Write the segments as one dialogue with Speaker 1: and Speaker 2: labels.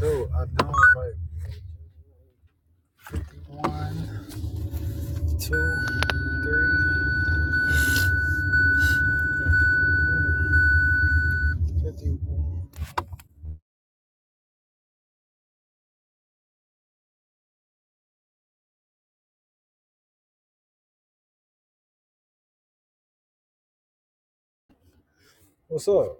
Speaker 1: Dude, I do like one, two, three, fifty-one. What's up?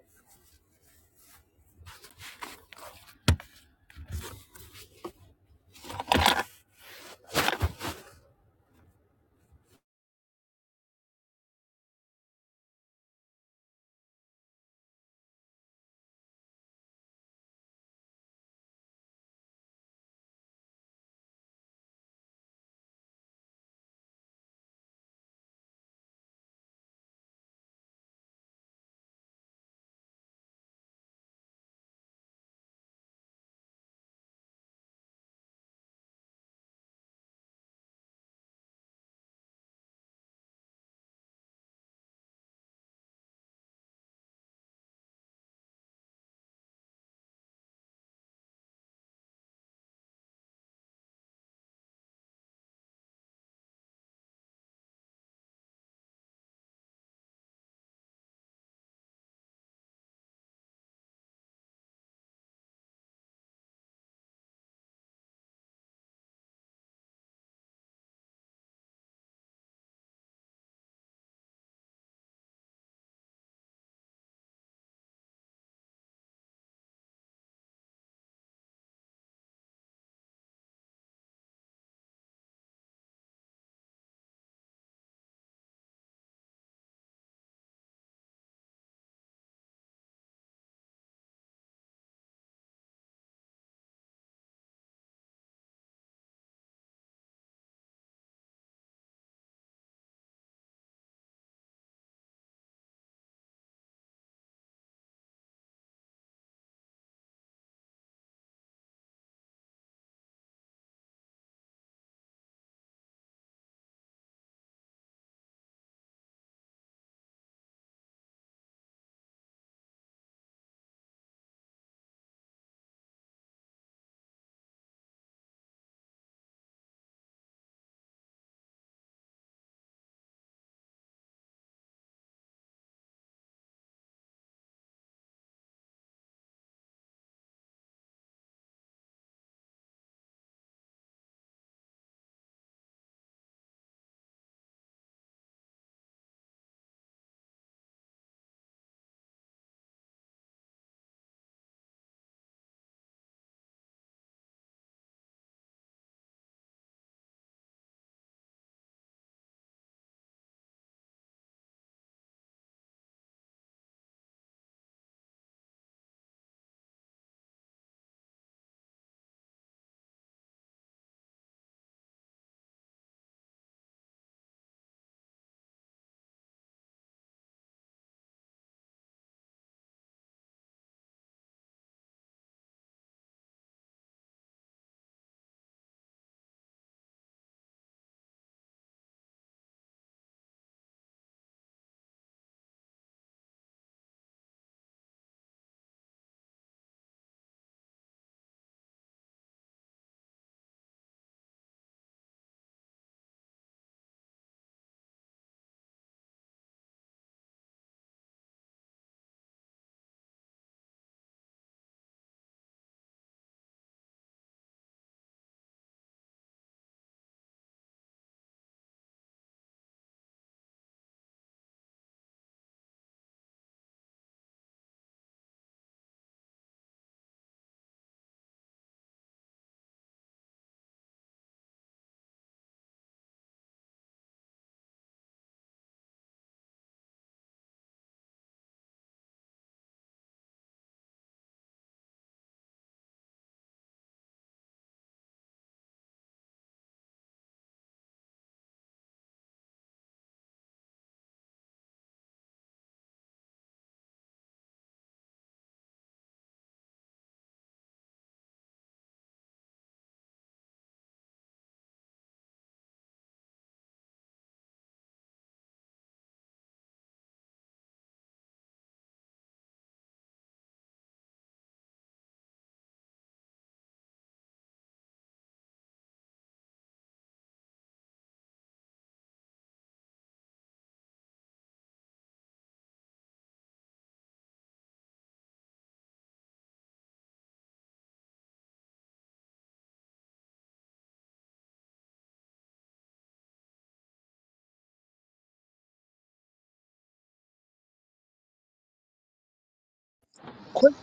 Speaker 1: Quick,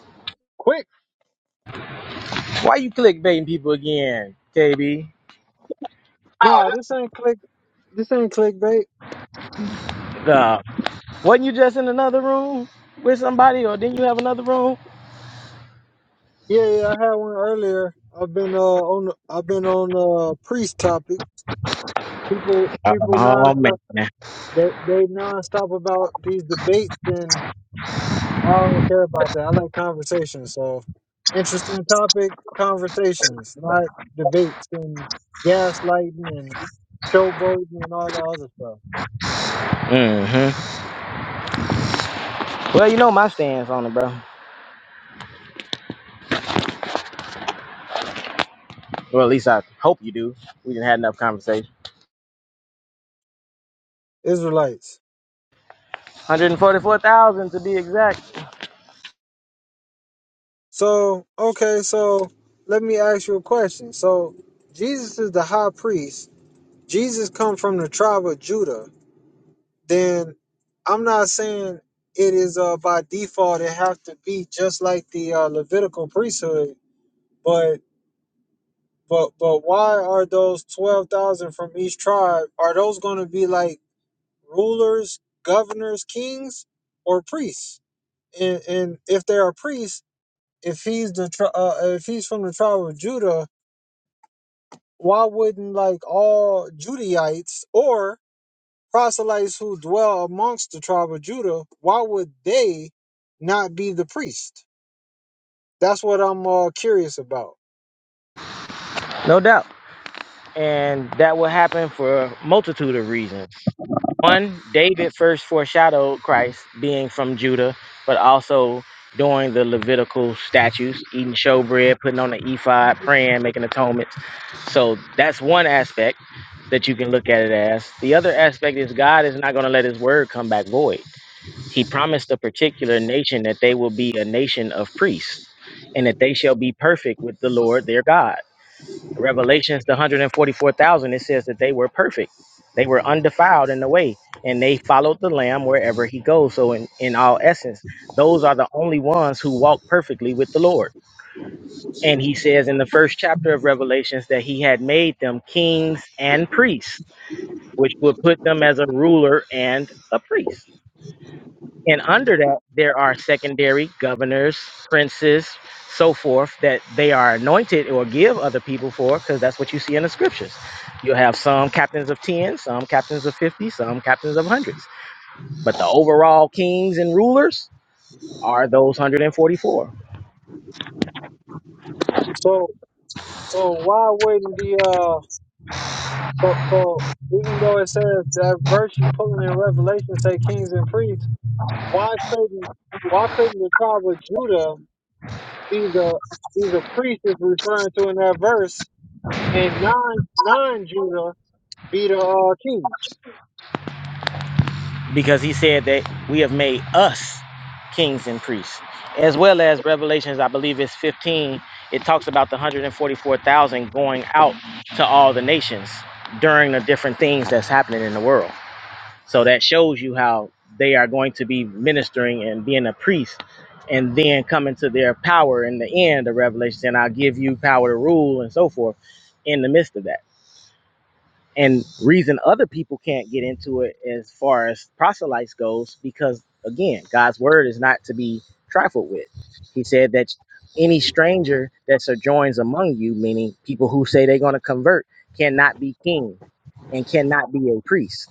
Speaker 1: quick.
Speaker 2: Why you clickbaiting people again, KB?
Speaker 1: Nah, this ain't click. This ain't clickbait.
Speaker 2: Uh, wasn't you just in another room with somebody, or didn't you have another room?
Speaker 1: Yeah, yeah, I had one earlier. I've been uh on. I've been on uh priest topic. People, people
Speaker 2: Oh
Speaker 1: nonstop.
Speaker 2: man.
Speaker 1: They they nonstop about these debates and. I don't care about that. I like conversations. So, interesting topic conversations, not debates and gaslighting and showboating and all that other stuff.
Speaker 2: Mm-hmm. Well, you know my stance on it, bro. Well, at least I hope you do. We didn't had enough conversation.
Speaker 1: Israelites.
Speaker 2: 144,000 to be exact,
Speaker 1: So, okay, so let me ask you a question. So, Jesus is the high priest. Jesus come from the tribe of Judah. Then I'm not saying it is uh, by default it have to be just like the uh, Levitical priesthood, but But but why are those twelve thousand from each tribe? Are those going to be like rulers, governors, kings, or priests? And and if they're a priest, if he's the tri- uh, if he's from the tribe of Judah, why wouldn't like all Judaites or proselytes who dwell amongst the tribe of Judah, why would they not be the priest? That's what I'm uh, curious about.
Speaker 2: no doubt. And that will happen for a multitude of reasons. One, David first foreshadowed Christ being from Judah, but also doing the Levitical statutes, eating showbread, putting on the ephod, praying, making atonements. So that's one aspect that you can look at it as. The other aspect is God is not going to let his word come back void. He promised a particular nation that they will be a nation of priests and that they shall be perfect with the Lord their God. Revelations, the 144,000, it says that they were perfect. They were undefiled in the way, and they followed the Lamb wherever he goes. So, in, in all essence, those are the only ones who walk perfectly with the Lord. And he says in the first chapter of Revelations that he had made them kings and priests, which would put them as a ruler and a priest. And under that, there are secondary governors, princes, so forth, that they are anointed or give other people for, because that's what you see in the scriptures. You'll have some captains of 10, some captains of 50, some captains of hundreds. But the overall kings and rulers are those 144.
Speaker 1: So so why wouldn't the uh But, but even though it says that virtue pulling in Revelation say kings and priests, why couldn't why couldn't the tribe of Judah be the be the priest is referring to in that verse, and non non Judah be the uh, kings?
Speaker 2: because he said that we have made us kings and priests as well as revelations i believe it's 15 it talks about the 144000 going out to all the nations during the different things that's happening in the world so that shows you how they are going to be ministering and being a priest and then coming to their power in the end of revelation and i'll give you power to rule and so forth in the midst of that and reason other people can't get into it as far as proselytes goes because again god's word is not to be trifled with he said that any stranger that sojourns among you meaning people who say they're going to convert cannot be king and cannot be a priest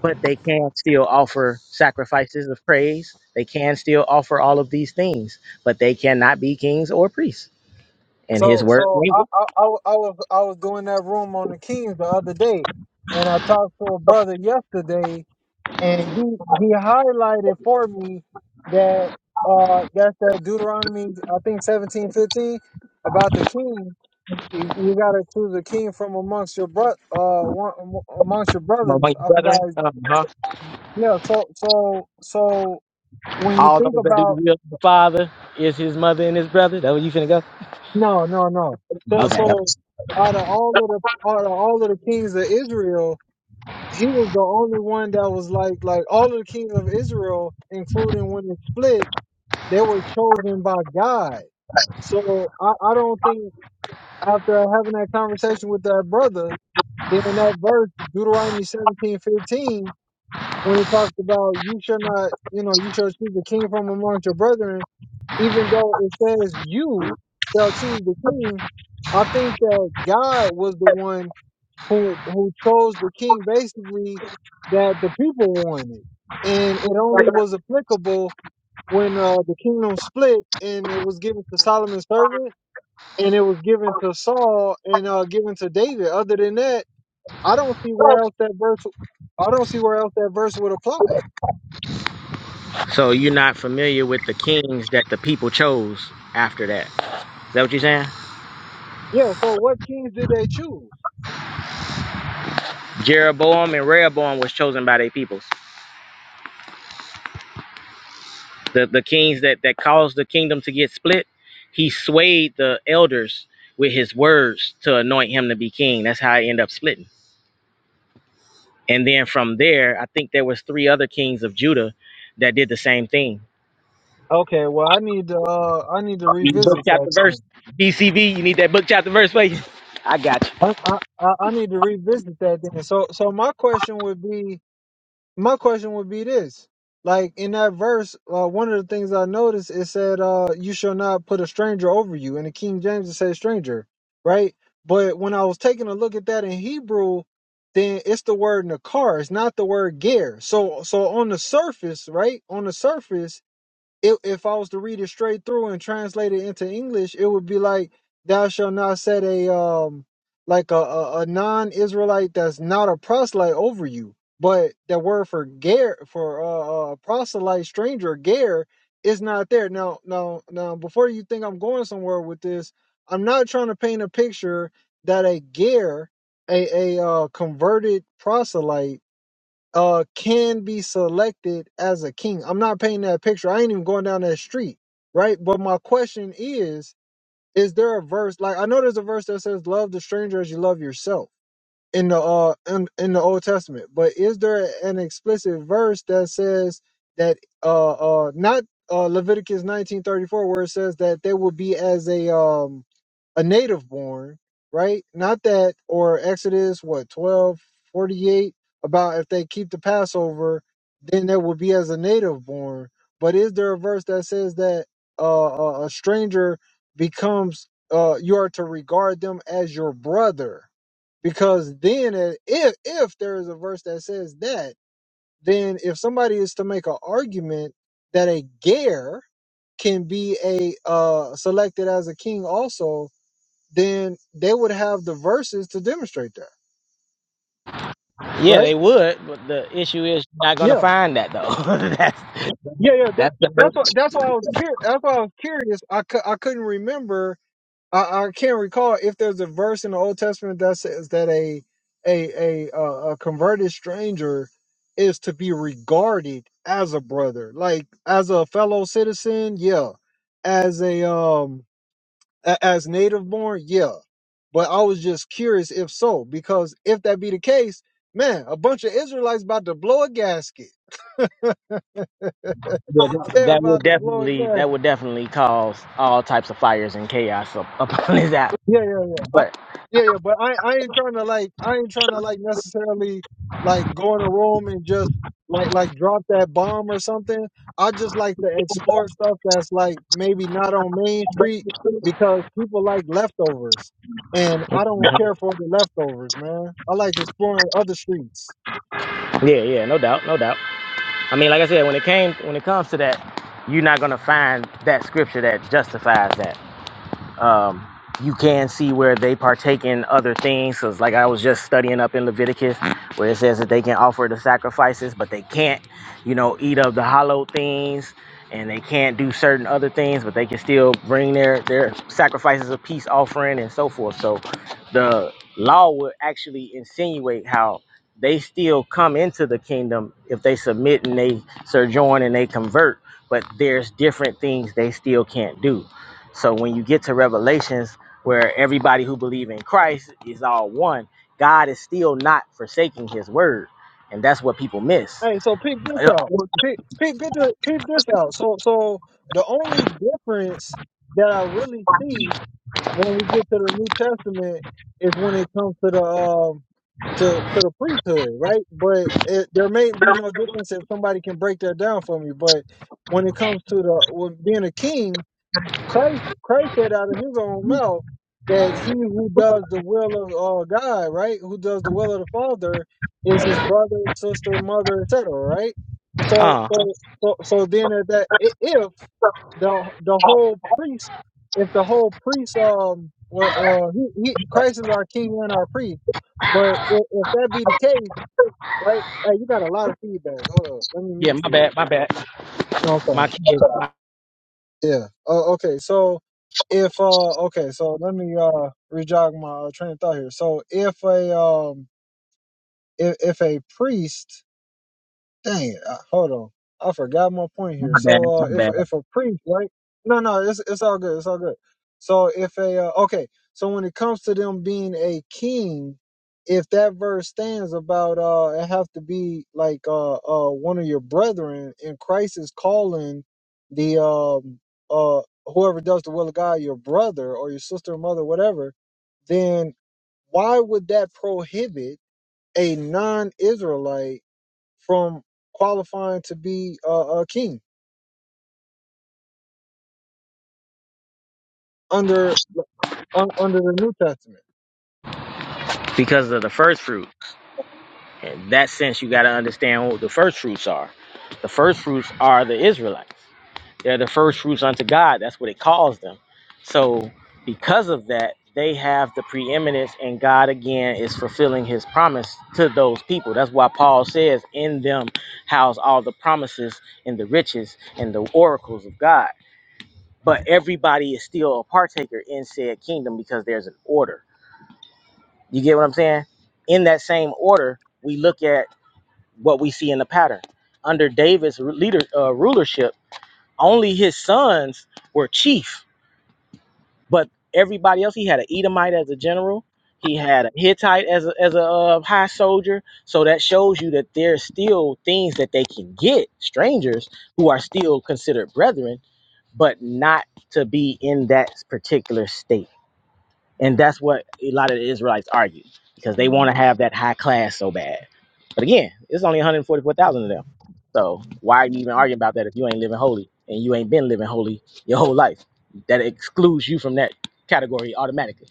Speaker 2: but they can still offer sacrifices of praise they can still offer all of these things but they cannot be kings or priests and his
Speaker 1: So
Speaker 2: word
Speaker 1: so I,
Speaker 2: among
Speaker 1: I I wa- I was I was doing that room on the kings the other day, and I talked to a brother yesterday and he he highlighted for me that uh that's that Deuteronomy I think seventeen fifteen about the king. You, you gotta choose a king from amongst your bro uh one, am- amongst your brothers.
Speaker 2: you
Speaker 1: I forgot.
Speaker 2: brethren
Speaker 1: his-
Speaker 2: Uh,
Speaker 1: Yeah. So so so when you
Speaker 2: All
Speaker 1: think
Speaker 2: those that do the
Speaker 1: about
Speaker 2: will of the Father is his mother and his brother. That where you finna go?
Speaker 1: no no no so
Speaker 2: Okay.
Speaker 1: so out of all of the out of all of the kings of Israel. He was the only one that was like like all of the kings of Israel, including when it split They were chosen by God. So I, I don't think after having that conversation with that brother, then that verse, Deuteronomy seventeen fifteen, when it talks about you shall not, you know, you shall choose the king from amongst your brethren, even though it says you shall choose the king, I think that God was the one who who chose the king basically that the people wanted. And it only was applicable when uh, the kingdom split and it was given to Solomon's servant and it was given to Saul and uh, given to David. Other than that, I don't see where else that verse. I don't see where else that verse would apply.
Speaker 2: So you're not familiar with the kings that the people chose after that. Is that what you're saying?
Speaker 1: Yeah. So what kings did they choose?
Speaker 2: Jeroboam and Rehoboam was chosen by their peoples. The the kings that, that caused the kingdom to get split, he swayed the elders with his words to anoint him to be king. That's how it ended up splitting. And then from there, I think there was three other kings of Judah that did the same thing
Speaker 1: Okay. Well, I need to. Uh, I need to
Speaker 2: You need book
Speaker 1: revisit
Speaker 2: chapter
Speaker 1: that then.
Speaker 2: verse. BCV, you need that book chapter verse for you. I got
Speaker 1: I, I I I need to revisit that then. So so my question would be my question would be this like in that verse uh, one of the things i noticed it said uh, you shall not put a stranger over you and the king james it says stranger right but when i was taking a look at that in hebrew then it's the word nakar it's not the word ger so so on the surface right on the surface if if I was to read it straight through and translate it into English, it would be like thou shalt not set a um like a, a, a non Israelite that's not a proselyte over you. But the word for ger for uh, uh proselyte stranger ger is not there. Now now now before you think I'm going somewhere with this, I'm not trying to paint a picture that a ger a, a uh, converted proselyte uh can be selected as a king. I'm not painting that picture. I ain't even going down that street, right? But my question is, is there a verse like I know there's a verse that says love the stranger as you love yourself in the uh in, in the Old Testament, but is there an explicit verse that says that uh uh not uh Leviticus 19:34 where it says that they will be as a um a native born, right? Not that, or Exodus, what, 12 48 about if they keep the Passover, then they will be as a native born. But is there a verse that says that uh, a a stranger becomes, uh, you are to regard them as your brother? Because then, uh, if, if there is a verse that says that, then if somebody is to make an argument that a Gare can be a uh, selected as a king also, then they would have the verses to demonstrate that,
Speaker 2: you. Yeah, they
Speaker 1: right?
Speaker 2: would, but the issue is you're not gonna
Speaker 1: Yeah,
Speaker 2: find that though. that's
Speaker 1: yeah, yeah. That,
Speaker 2: that's that will,
Speaker 1: that's what. That's why I was curious. That's why I was curious. I, cou- I couldn't remember. I, I can't recall if there's a verse in the Old Testament that says that a a a uh, a converted stranger is to be regarded as a brother, like as a fellow citizen. Yeah, as a um A- As native born, yeah. But I was just curious if so, because if that be the case, man, a bunch of Israelites about to blow a gasket.
Speaker 2: yeah, that
Speaker 1: They're
Speaker 2: that will
Speaker 1: about to blow a
Speaker 2: definitely that
Speaker 1: gasket.
Speaker 2: will definitely cause all types of fires and chaos up, up on this app.
Speaker 1: Yeah, yeah, yeah. I, yeah, yeah, but I, I ain't trying to like I ain't trying to like necessarily like go in a room and just like like drop that bomb or something. I just like to explore stuff that's like maybe not on Main Street because people like leftovers. And I don't care for the leftovers, man. I like exploring other streets.
Speaker 2: Yeah, yeah, no doubt, no doubt. I mean, like I said, when it came when it comes to that, you're not gonna find that scripture that justifies that. um, you can see where they partake in other things. Cause like I was just studying up in Leviticus, where it says that they can offer the sacrifices, but they can't, you know, eat of the hollow things, and they can't do certain other things, but they can still bring their their sacrifices of peace offering and so forth. So, the law would actually insinuate how they still come into the kingdom if they submit and they sojourn and they convert, but there's different things they still can't do so when you get to Revelations, where everybody who believe in Christ is all one, God is still not forsaking His word, and that's what people miss.
Speaker 1: Hey, so peep this out. Peep, peep, peep, thi- peep this out. So so the only difference that I really see when we get to the New Testament is when it comes to the um to to the priesthood, right? But it, there may be no difference if somebody can break that down for me. But when it comes to the when being a king, Christ, Christ said out of his own mouth that he who does the will of uh, God, right, who does the will of the Father, is his brother, sister, mother, etc. Right. So,
Speaker 2: Uh,
Speaker 1: so, so, so then at that i- if the the whole priest, if the whole priest, um, or, or he, he, Christ is our king and our priest, but if, if that be the case, right, hey, you got a lot of feedback. Hold on, let me
Speaker 2: yeah,
Speaker 1: mute
Speaker 2: my
Speaker 1: you real
Speaker 2: bad, my
Speaker 1: quick.
Speaker 2: bad,
Speaker 1: No, i
Speaker 2: my kids,
Speaker 1: yeah. Uh, okay. So if uh okay, so let me uh rejog my uh, train of thought here. So if a um if, if a priest Dang it! Uh, hold on, I forgot my point here.
Speaker 2: my bad,
Speaker 1: So, uh,
Speaker 2: my
Speaker 1: if
Speaker 2: bad.
Speaker 1: if a priest, right? No, no, it's it's all good. It's all good. So, if a uh, okay, so when it comes to them being a king, if that verse stands about uh, it have to be like uh, uh one of your brethren, and Christ is calling the um uh whoever does the will of God your brother or your sister, mother, whatever. Then why would that prohibit a non-Israelite? from qualifying to be uh, a king under un, under the New Testament.
Speaker 2: Because of the first fruit, in that sense, you got to understand what the first fruits are. The first fruits are the Israelites. They're the first fruits unto God. That's what it calls them. So because of that, they have the preeminence, and God again is fulfilling his promise to those people. That's why Paul says, In them house all the promises and the riches and the oracles of God. But everybody is still a partaker in said kingdom because there's an order. You get what I'm saying? In that same order, we look at what we see in the pattern. Under David's leader uh, rulership, only his sons were chief But everybody else, he had an Edomite as a general. He had a Hittite as a, as a uh, high soldier. So that shows you that there's still things that they can get strangers who are still considered brethren, but not to be in that particular state. And that's what a lot of the Israelites argue because they want to have that high class so bad. But again, it's only 144,000 of them. So why are you even arguing about that if you ain't living holy and you ain't been living holy your whole life? That excludes you from that category automatically.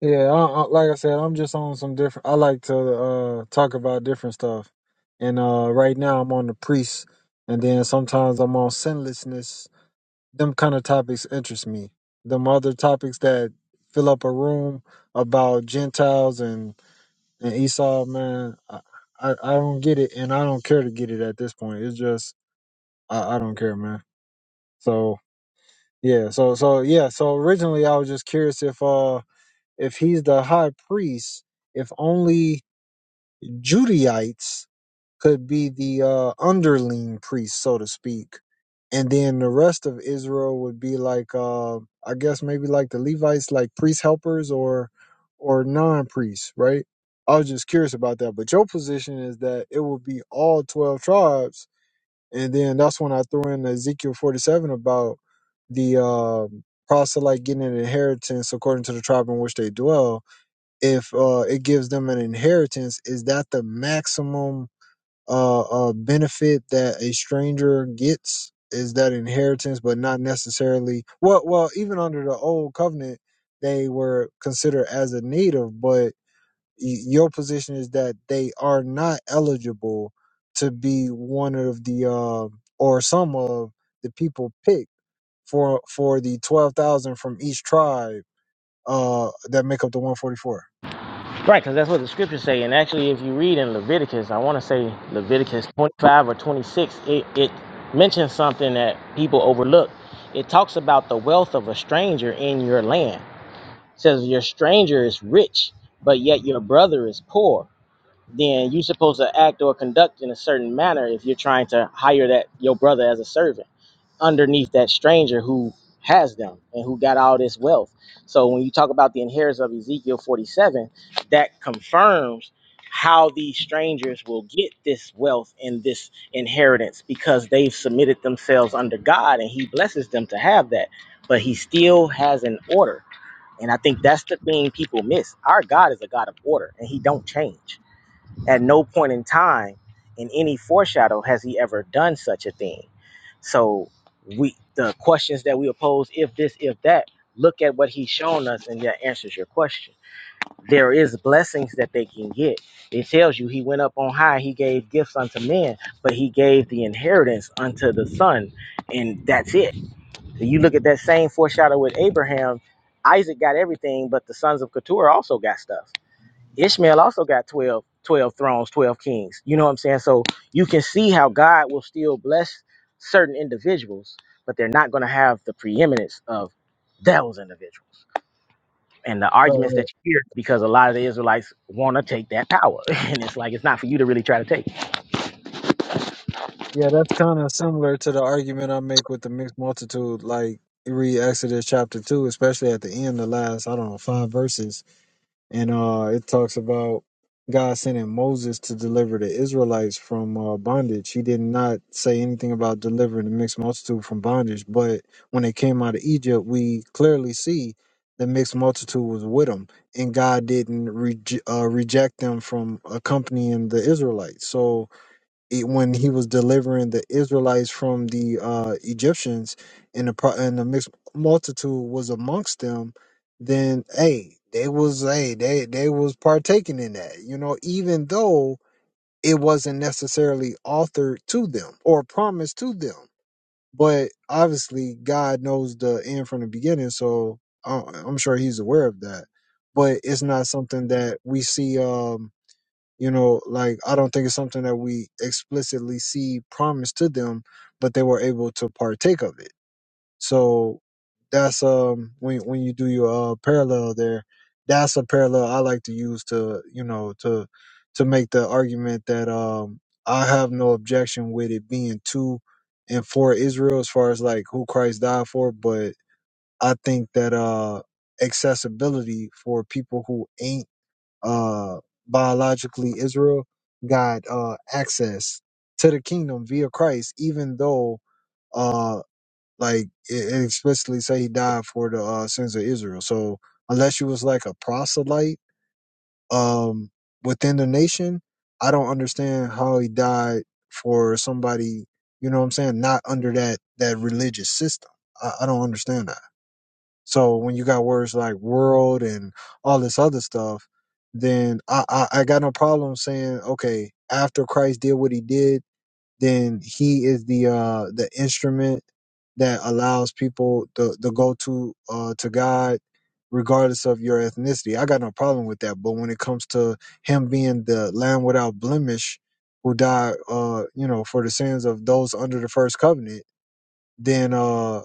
Speaker 1: Yeah, I, I, like I said, I'm just on some different. I like to uh, talk about different stuff, and uh, right now I'm on the priests, and then sometimes I'm on sinlessness. Them kind of topics interest me. Them other topics that fill up a room about Gentiles and, and Esau, man, I, I I don't get it, and I don't care to get it at this point. It's just I, I don't care, man. So Yeah, so so yeah, so originally I was just curious if uh if he's the high priest, if only Judaites could be the uh underling priest, so to speak. And then the rest of Israel would be like uh I guess maybe like the Levites, like priest helpers or or non priests, right? I was just curious about that. But your position is that it would be all twelve tribes and then that's when I threw in Ezekiel 47 about the um, proselyte getting an inheritance according to the tribe in which they dwell. If uh, it gives them an inheritance, is that the maximum uh, uh, benefit that a stranger gets? Is that inheritance, but not necessarily? Well, well, even under the old covenant, they were considered as a native, but your position is that they are not eligible to be one of the uh, or some of the people picked for for the twelve thousand from each tribe uh, that make up the one forty four.
Speaker 2: Right, because that's what the scriptures say. And actually, if you read in Leviticus, I want to say Leviticus 25 or 26, it, it mentions something that people overlook. It talks about the wealth of a stranger in your land. It says your stranger is rich, but yet your brother is poor, then you're supposed to act or conduct in a certain manner if you're trying to hire that your brother as a servant underneath that stranger who has them and who got all this wealth. So when you talk about the inheritance of Ezekiel 47, that confirms how these strangers will get this wealth and this inheritance because they've submitted themselves under God and he blesses them to have that. But he still has an order and I think that's the thing people miss. Our God is a God of order and he don't change. At no point in time in any foreshadow has he ever done such a thing. So we the questions that we oppose, if this, if that, look at what he's shown us and that answers your question. There is blessings that they can get. It tells you he went up on high, he gave gifts unto men, but he gave the inheritance unto the son, and that's it you look at that same foreshadow with Abraham. Isaac got everything, but the sons of Keturah also got stuff. Ishmael also got 12, 12 thrones, 12 kings. You know what I'm saying? So you can see how God will still bless certain individuals, but they're not going to have the preeminence of those individuals. And the
Speaker 1: Right,
Speaker 2: arguments
Speaker 1: right.
Speaker 2: that you hear, because a lot of the Israelites want to take that power. And it's like, it's not for you to really try to take.
Speaker 1: Yeah, that's kind of similar to the argument I make with the mixed multitude. Like you read Exodus chapter two, especially at the end, the last I don't know five verses and uh, it talks about God sending Moses to deliver the Israelites from uh, bondage. He did not say anything about delivering the mixed multitude from bondage, but when they came out of Egypt, we clearly see the mixed multitude was with them, and God didn't reje uh, reject them from accompanying the Israelites. So e- when he was delivering the Israelites from the uh, Egyptians, and the pro- and the mixed multitude was amongst them, then hey, they was hey they they was partaking in that, you know, even though it wasn't necessarily authored to them or promised to them, but obviously God knows the end from the beginning, so I- I'm sure He's aware of that. But it's not something that we see. Um, you know like i don't think it's something that we explicitly see promised to them but they were able to partake of it so that's um when when you do your uh, parallel there that's a parallel i like to use to you know to to make the argument that um i have no objection with it being two and for israel as far as like who christ died for but i think that uh accessibility for people who ain't uh biologically Israel got uh access to the kingdom via Christ, even though uh like it it explicitly say he died for the uh, sins of Israel. So unless you was like a proselyte um within the nation, I don't understand how he died for somebody, you know what I'm saying, not under that that religious system. I, I don't understand that. So when you got words like world and all this other stuff, then I, I, I got no problem saying, okay, after Christ did what he did, then he is the uh the instrument that allows people to, to go to uh to God regardless of your ethnicity. I got no problem with that. But when it comes to him being the lamb without blemish who died uh, you know, for the sins of those under the first covenant, then uh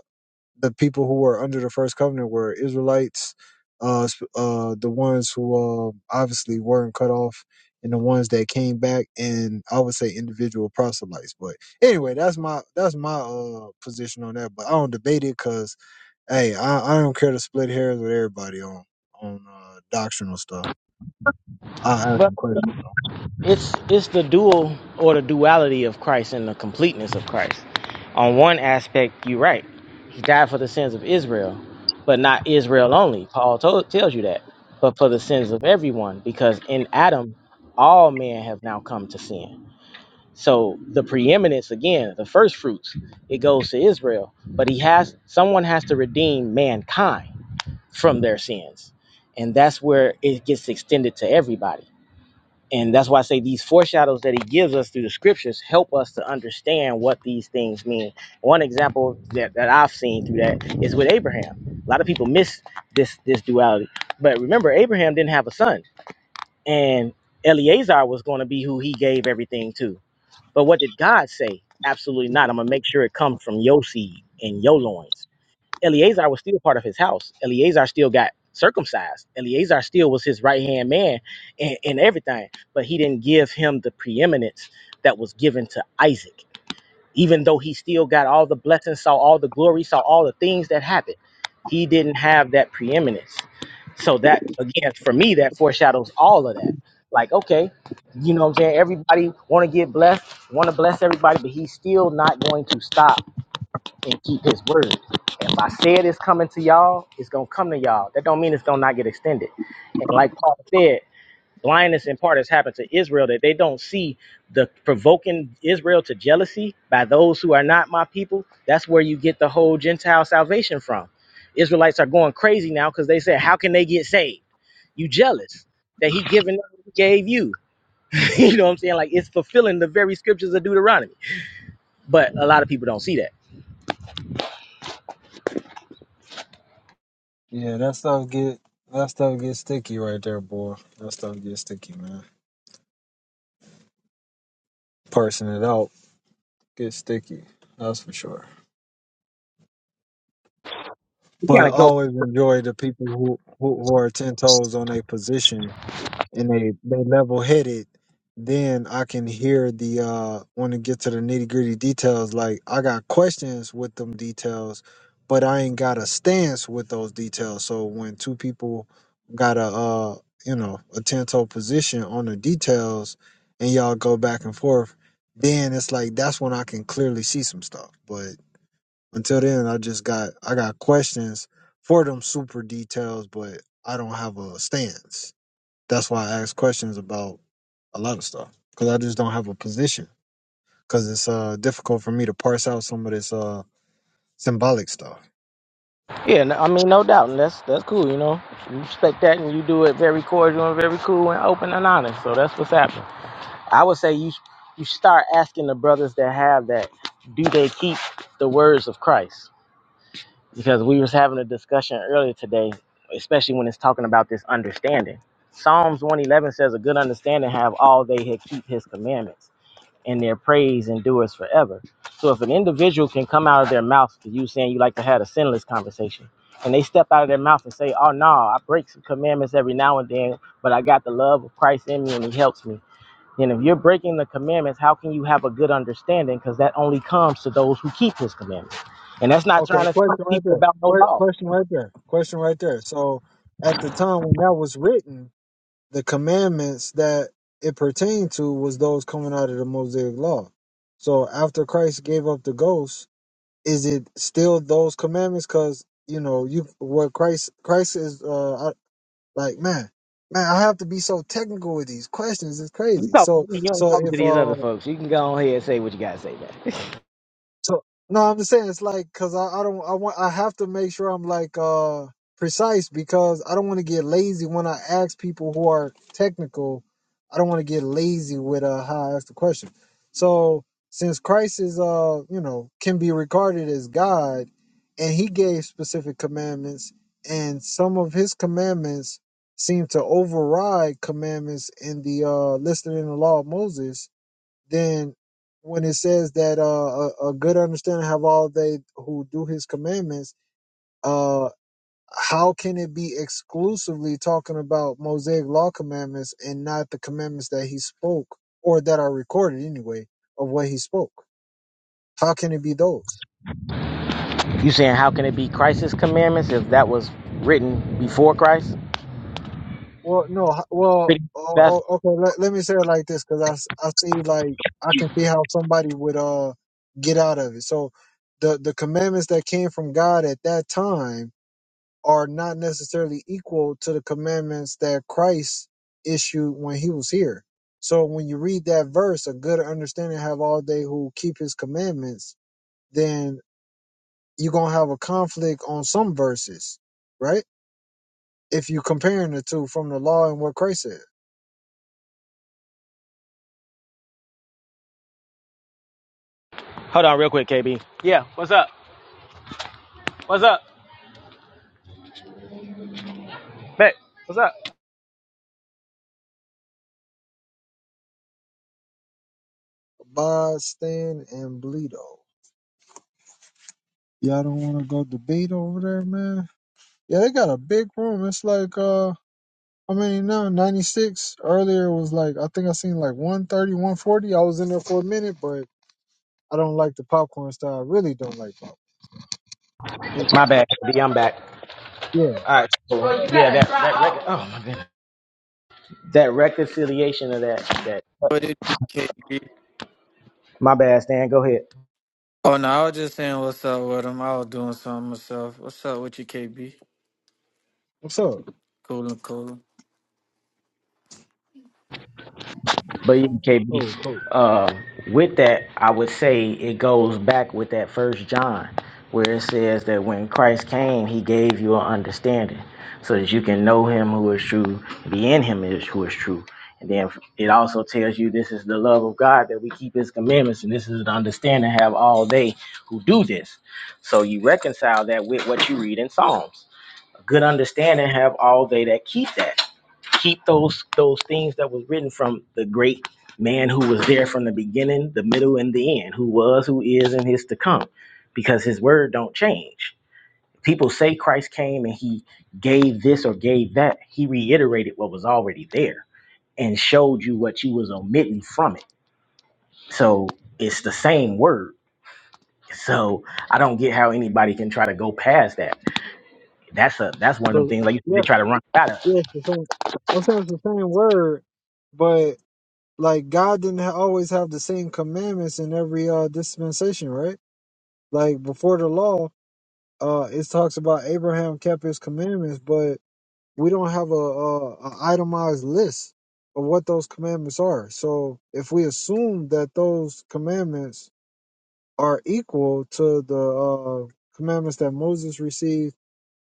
Speaker 1: the people who were under the first covenant were Israelites, uh, uh, the ones who uh, obviously weren't cut off, and the ones that came back, and I would say individual proselytes. But anyway, that's my that's my uh, position on that. But I don't debate it because hey, I, I don't care to split hairs with everybody on on uh, doctrinal stuff. I ask them questions though.
Speaker 2: It's it's the dual or the duality of Christ and the completeness of Christ. On one aspect, you're right. He died for the sins of Israel, but not Israel only. Paul told, tells you that, but for the sins of everyone, because in Adam, all men have now come to sin. So the preeminence again, the first fruits, it goes to Israel, but he has someone has to redeem mankind from their sins, and that's where it gets extended to everybody and that's why I say these foreshadows that he gives us through the scriptures help us to understand what these things mean. One example that, that I've seen through that is with Abraham. A lot of people miss this this duality. But remember, Abraham didn't have a son. And Eleazar was going to be who he gave everything to. But what did God say? Absolutely not. I'm gonna make sure it comes from your seed and your loins. Eleazar was still part of his house. Eleazar still got circumcised. Eleazar still was his right hand man and, and everything, but he didn't give him the preeminence that was given to Isaac. Even though he still got all the blessings, saw all the glory, saw all the things that happened, he didn't have that preeminence. So that again, for me, that foreshadows all of that. Like, okay, you know what I'm saying? Everybody want to get blessed, want to bless everybody, but he's still not going to stop and keep his word. If I said it's coming to y'all, it's gonna come to y'all. That don't mean it's gonna not get extended. And like Paul said, blindness in part has happened to Israel that they don't see the provoking Israel to jealousy by those who are not my people. That's where you get the whole Gentile salvation from. Israelites are going crazy now because they said, How can they get saved? You jealous that he given what he gave you. you know what I'm saying? Like it's fulfilling the very scriptures of Deuteronomy. But a lot of people don't see that.
Speaker 1: Yeah, that stuff get that stuff get sticky right there, boy. That stuff get sticky, man. Parsing it out gets sticky. That's for sure.
Speaker 2: We
Speaker 1: but
Speaker 2: kind
Speaker 1: I
Speaker 2: of go.
Speaker 1: always enjoy the people who who, who are ten toes on their position and they they level headed. Then I can hear the uh want to get to the nitty gritty details. Like I got questions with them details, but I ain't got a stance with those details. So when two people got a uh you know a ten toe position on the details, and y'all go back and forth, then it's like that's when I can clearly see some stuff. But until then, I just got I got questions for them super details, but I don't have a stance. That's why I ask questions about a lot of stuff because I just don't have a position because it's uh difficult for me to parse out some of this uh symbolic stuff.
Speaker 2: Yeah, no- I mean, no doubt, and that's that's cool. You know, you respect that, and you do it very cordial and very cool and open and honest. So that's what's happening. I would say you you start asking the brothers that have that, do they keep the words of Christ? Because we was having a discussion earlier today, especially when it's talking about this understanding. Psalms one eleven says, "A good understanding have all they that keep His commandments." and their praise endures forever. So if an individual can come out of their mouth to you saying you like to have a sinless conversation, and they step out of their mouth and say, "Oh no, I break some commandments every now and then, but I got the love of Christ in me and He helps me." Then if you're breaking the commandments, how can you have a good understanding? Because that only comes to those who keep His commandments, and that's not
Speaker 1: Okay,
Speaker 2: trying to talk to
Speaker 1: question right
Speaker 2: people
Speaker 1: there.
Speaker 2: about no
Speaker 1: Que-
Speaker 2: law.
Speaker 1: question right there. Question right there. So at the time when that was written, the commandments that it pertained to was those coming out of the Mosaic law. So after Christ gave up the ghost, is it still those commandments? Because you know, you what Christ Christ is uh I, like man, man, I have to be so technical with these questions. It's
Speaker 2: You
Speaker 1: crazy.
Speaker 2: talking to
Speaker 1: So
Speaker 2: me, you ain't
Speaker 1: so
Speaker 2: talking to
Speaker 1: if
Speaker 2: these other
Speaker 1: uh,
Speaker 2: folks. You can go ahead and say what you gotta say, man.
Speaker 1: So no, I'm just saying it's like because I, I don't I want I have to make sure I'm like uh precise because I don't want to get lazy when I ask people who are technical. I don't want to get lazy with uh how I ask the question. So since Christ is uh you know can be regarded as God, and He gave specific commandments, and some of His commandments seem to override commandments in the uh listed in the law of Moses then when it says that uh, a, a good understanding have all they who do his commandments uh how can it be exclusively talking about mosaic law commandments and not the commandments that he spoke or that are recorded anyway of what he spoke how can it be those
Speaker 2: You saying how can it be Christ's commandments if that was written before Christ?
Speaker 1: well no h- well
Speaker 2: pretty
Speaker 1: oh,
Speaker 2: best.
Speaker 1: oh, okay let, let me say it like this because I, s- I see like i can see how somebody would uh get out of it so the the commandments that came from god at that time are not necessarily equal to the commandments that Christ issued when he was here. So when you read that verse, a good understanding have all they who keep his commandments, then you're gonna have a conflict on some verses, right? If you comparing the two from the law and what Christ said.
Speaker 2: Hold on, real quick, KB.
Speaker 1: Abide, stand, and bleedo. Y'all don't wanna go debate over there, man? Yeah, they got a big room. It's like uh I mean, no, 96 earlier was like, I think I seen like one thirty, one forty. I was in there for a minute, but I don't like the popcorn style. I really don't like popcorn. It's-
Speaker 2: My bad, KB. I'm back.
Speaker 1: Yeah.
Speaker 2: All right. So, yeah, that that rec- oh my goodness. that reconciliation of that that.
Speaker 3: What it do, KB?
Speaker 2: My bad, Stan. Go ahead.
Speaker 3: Oh no, I was just saying what's up with him. I was doing something myself. What's up with you, KB?
Speaker 1: What's up?
Speaker 3: Coolin', coolin'.
Speaker 2: But yeah, KB,
Speaker 1: Oh, cool.
Speaker 2: uh, with that, I would say it goes back with that first John, where it says that when Christ came, he gave you an understanding so that you can know him who is true, be in him is who is true. And then it also tells you this is the love of God that we keep his commandments, and this is the understanding have all they who do this. So you reconcile that with what you read in Psalms. Good understanding have all they that keep that. Keep those those things that was written from the great man who was there from the beginning, the middle, and the end, who was, who is, and is to come, because his word don't change. People say Christ came and he gave this or gave that. He reiterated what was already there and showed you what you was omitting from it. So it's the same word. So I don't get how anybody can try to go past that. That's a that's one of them
Speaker 1: Cool.
Speaker 2: things like you, they
Speaker 1: Yeah.
Speaker 2: try to run out of.
Speaker 1: Yeah. It's the same. I'm saying it's the same word, but like God didn't ha- always have the same commandments in every uh, dispensation, right? Like before the law, uh, it talks about Abraham kept his commandments, but we don't have a, a, a itemized list of what those commandments are. So if we assume that those commandments are equal to the uh, commandments that Moses received,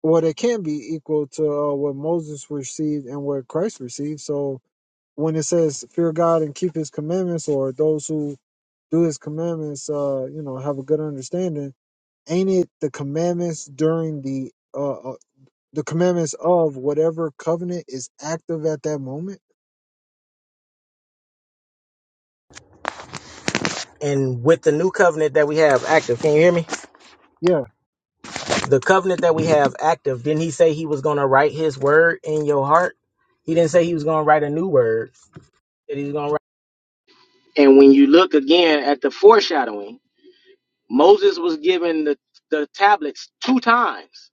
Speaker 1: well, they can be equal to uh, what Moses received and what Christ received. So when it says fear God and keep His commandments, or those who do His commandments, uh, you know, have a good understanding, ain't it the commandments during the uh, uh, the commandments of whatever covenant is active at that moment?
Speaker 2: And with the new covenant that we have active, can you hear me?
Speaker 1: Yeah,
Speaker 2: The covenant that we have active, didn't he say he was going to write his word in your heart? He didn't say he was going to write a new word. That he's going to write. And when you look again at the foreshadowing, Moses was given the, the tablets two times.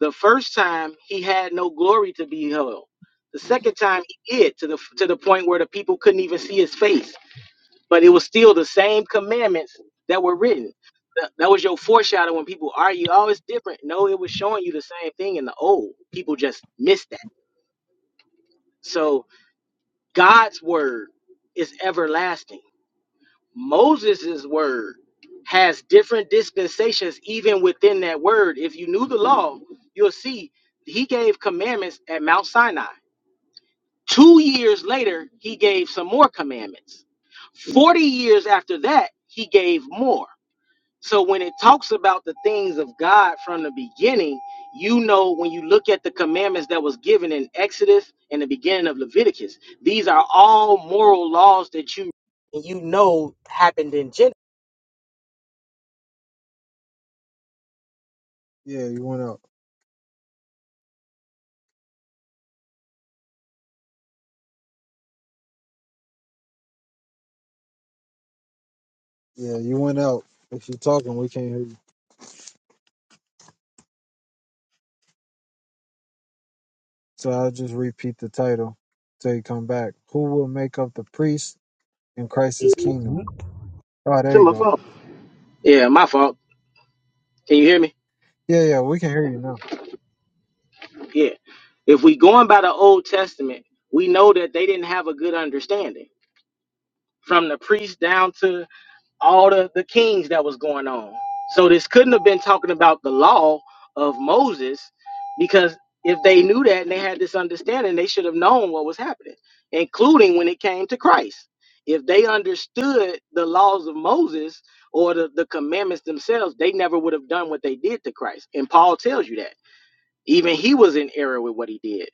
Speaker 2: The first time he had no glory to be held. The second time he did to the to the point where the people couldn't even see his face. but it was still the same commandments that were written. That, that was your foreshadow when people argue, oh, it's different. No, it was showing you the same thing in the old. People just missed that. So God's word is everlasting. Moses' word has different dispensations even within that word. If you knew the law, you'll see he gave commandments at Mount Sinai. Two years later, he gave some more commandments. 40 years after that, he gave more. So when it talks about the things of God from the beginning, you know when you look at the commandments that was given in Exodus and the beginning of Leviticus, these are all moral laws that you you know happened in Genesis.
Speaker 1: yeah, you went out. Yeah, you went out. If you're talking, we can't hear you. So I'll just repeat the title till you come back. Who will make up the priest in Christ's kingdom? Oh,
Speaker 2: It's
Speaker 1: there you
Speaker 2: my
Speaker 1: go.
Speaker 2: fault. Yeah, my fault. Can you hear me?
Speaker 1: Yeah, yeah, we can hear you now.
Speaker 2: Yeah. If we going by the Old Testament, we know that they didn't have a good understanding from the priest down to all the, the kings that was going on. So this couldn't have been talking about the law of Moses, because if they knew that and they had this understanding, they should have known what was happening, including when it came to Christ. If they understood the laws of Moses or the, the commandments themselves, they never would have done what they did to Christ. And Paul tells you that. Even he was in error with what he did.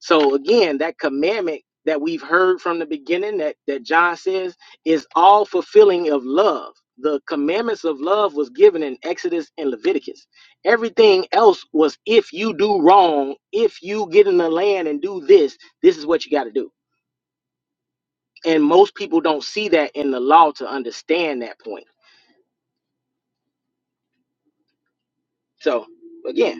Speaker 2: So again, that commandment that we've heard from the beginning that, that John says is all fulfilling of love. The commandments of love was given in Exodus and Leviticus. Everything else was if you do wrong, if you get in the land and do this, this is what you got to do. And most people don't see that in the law to understand that point. So again.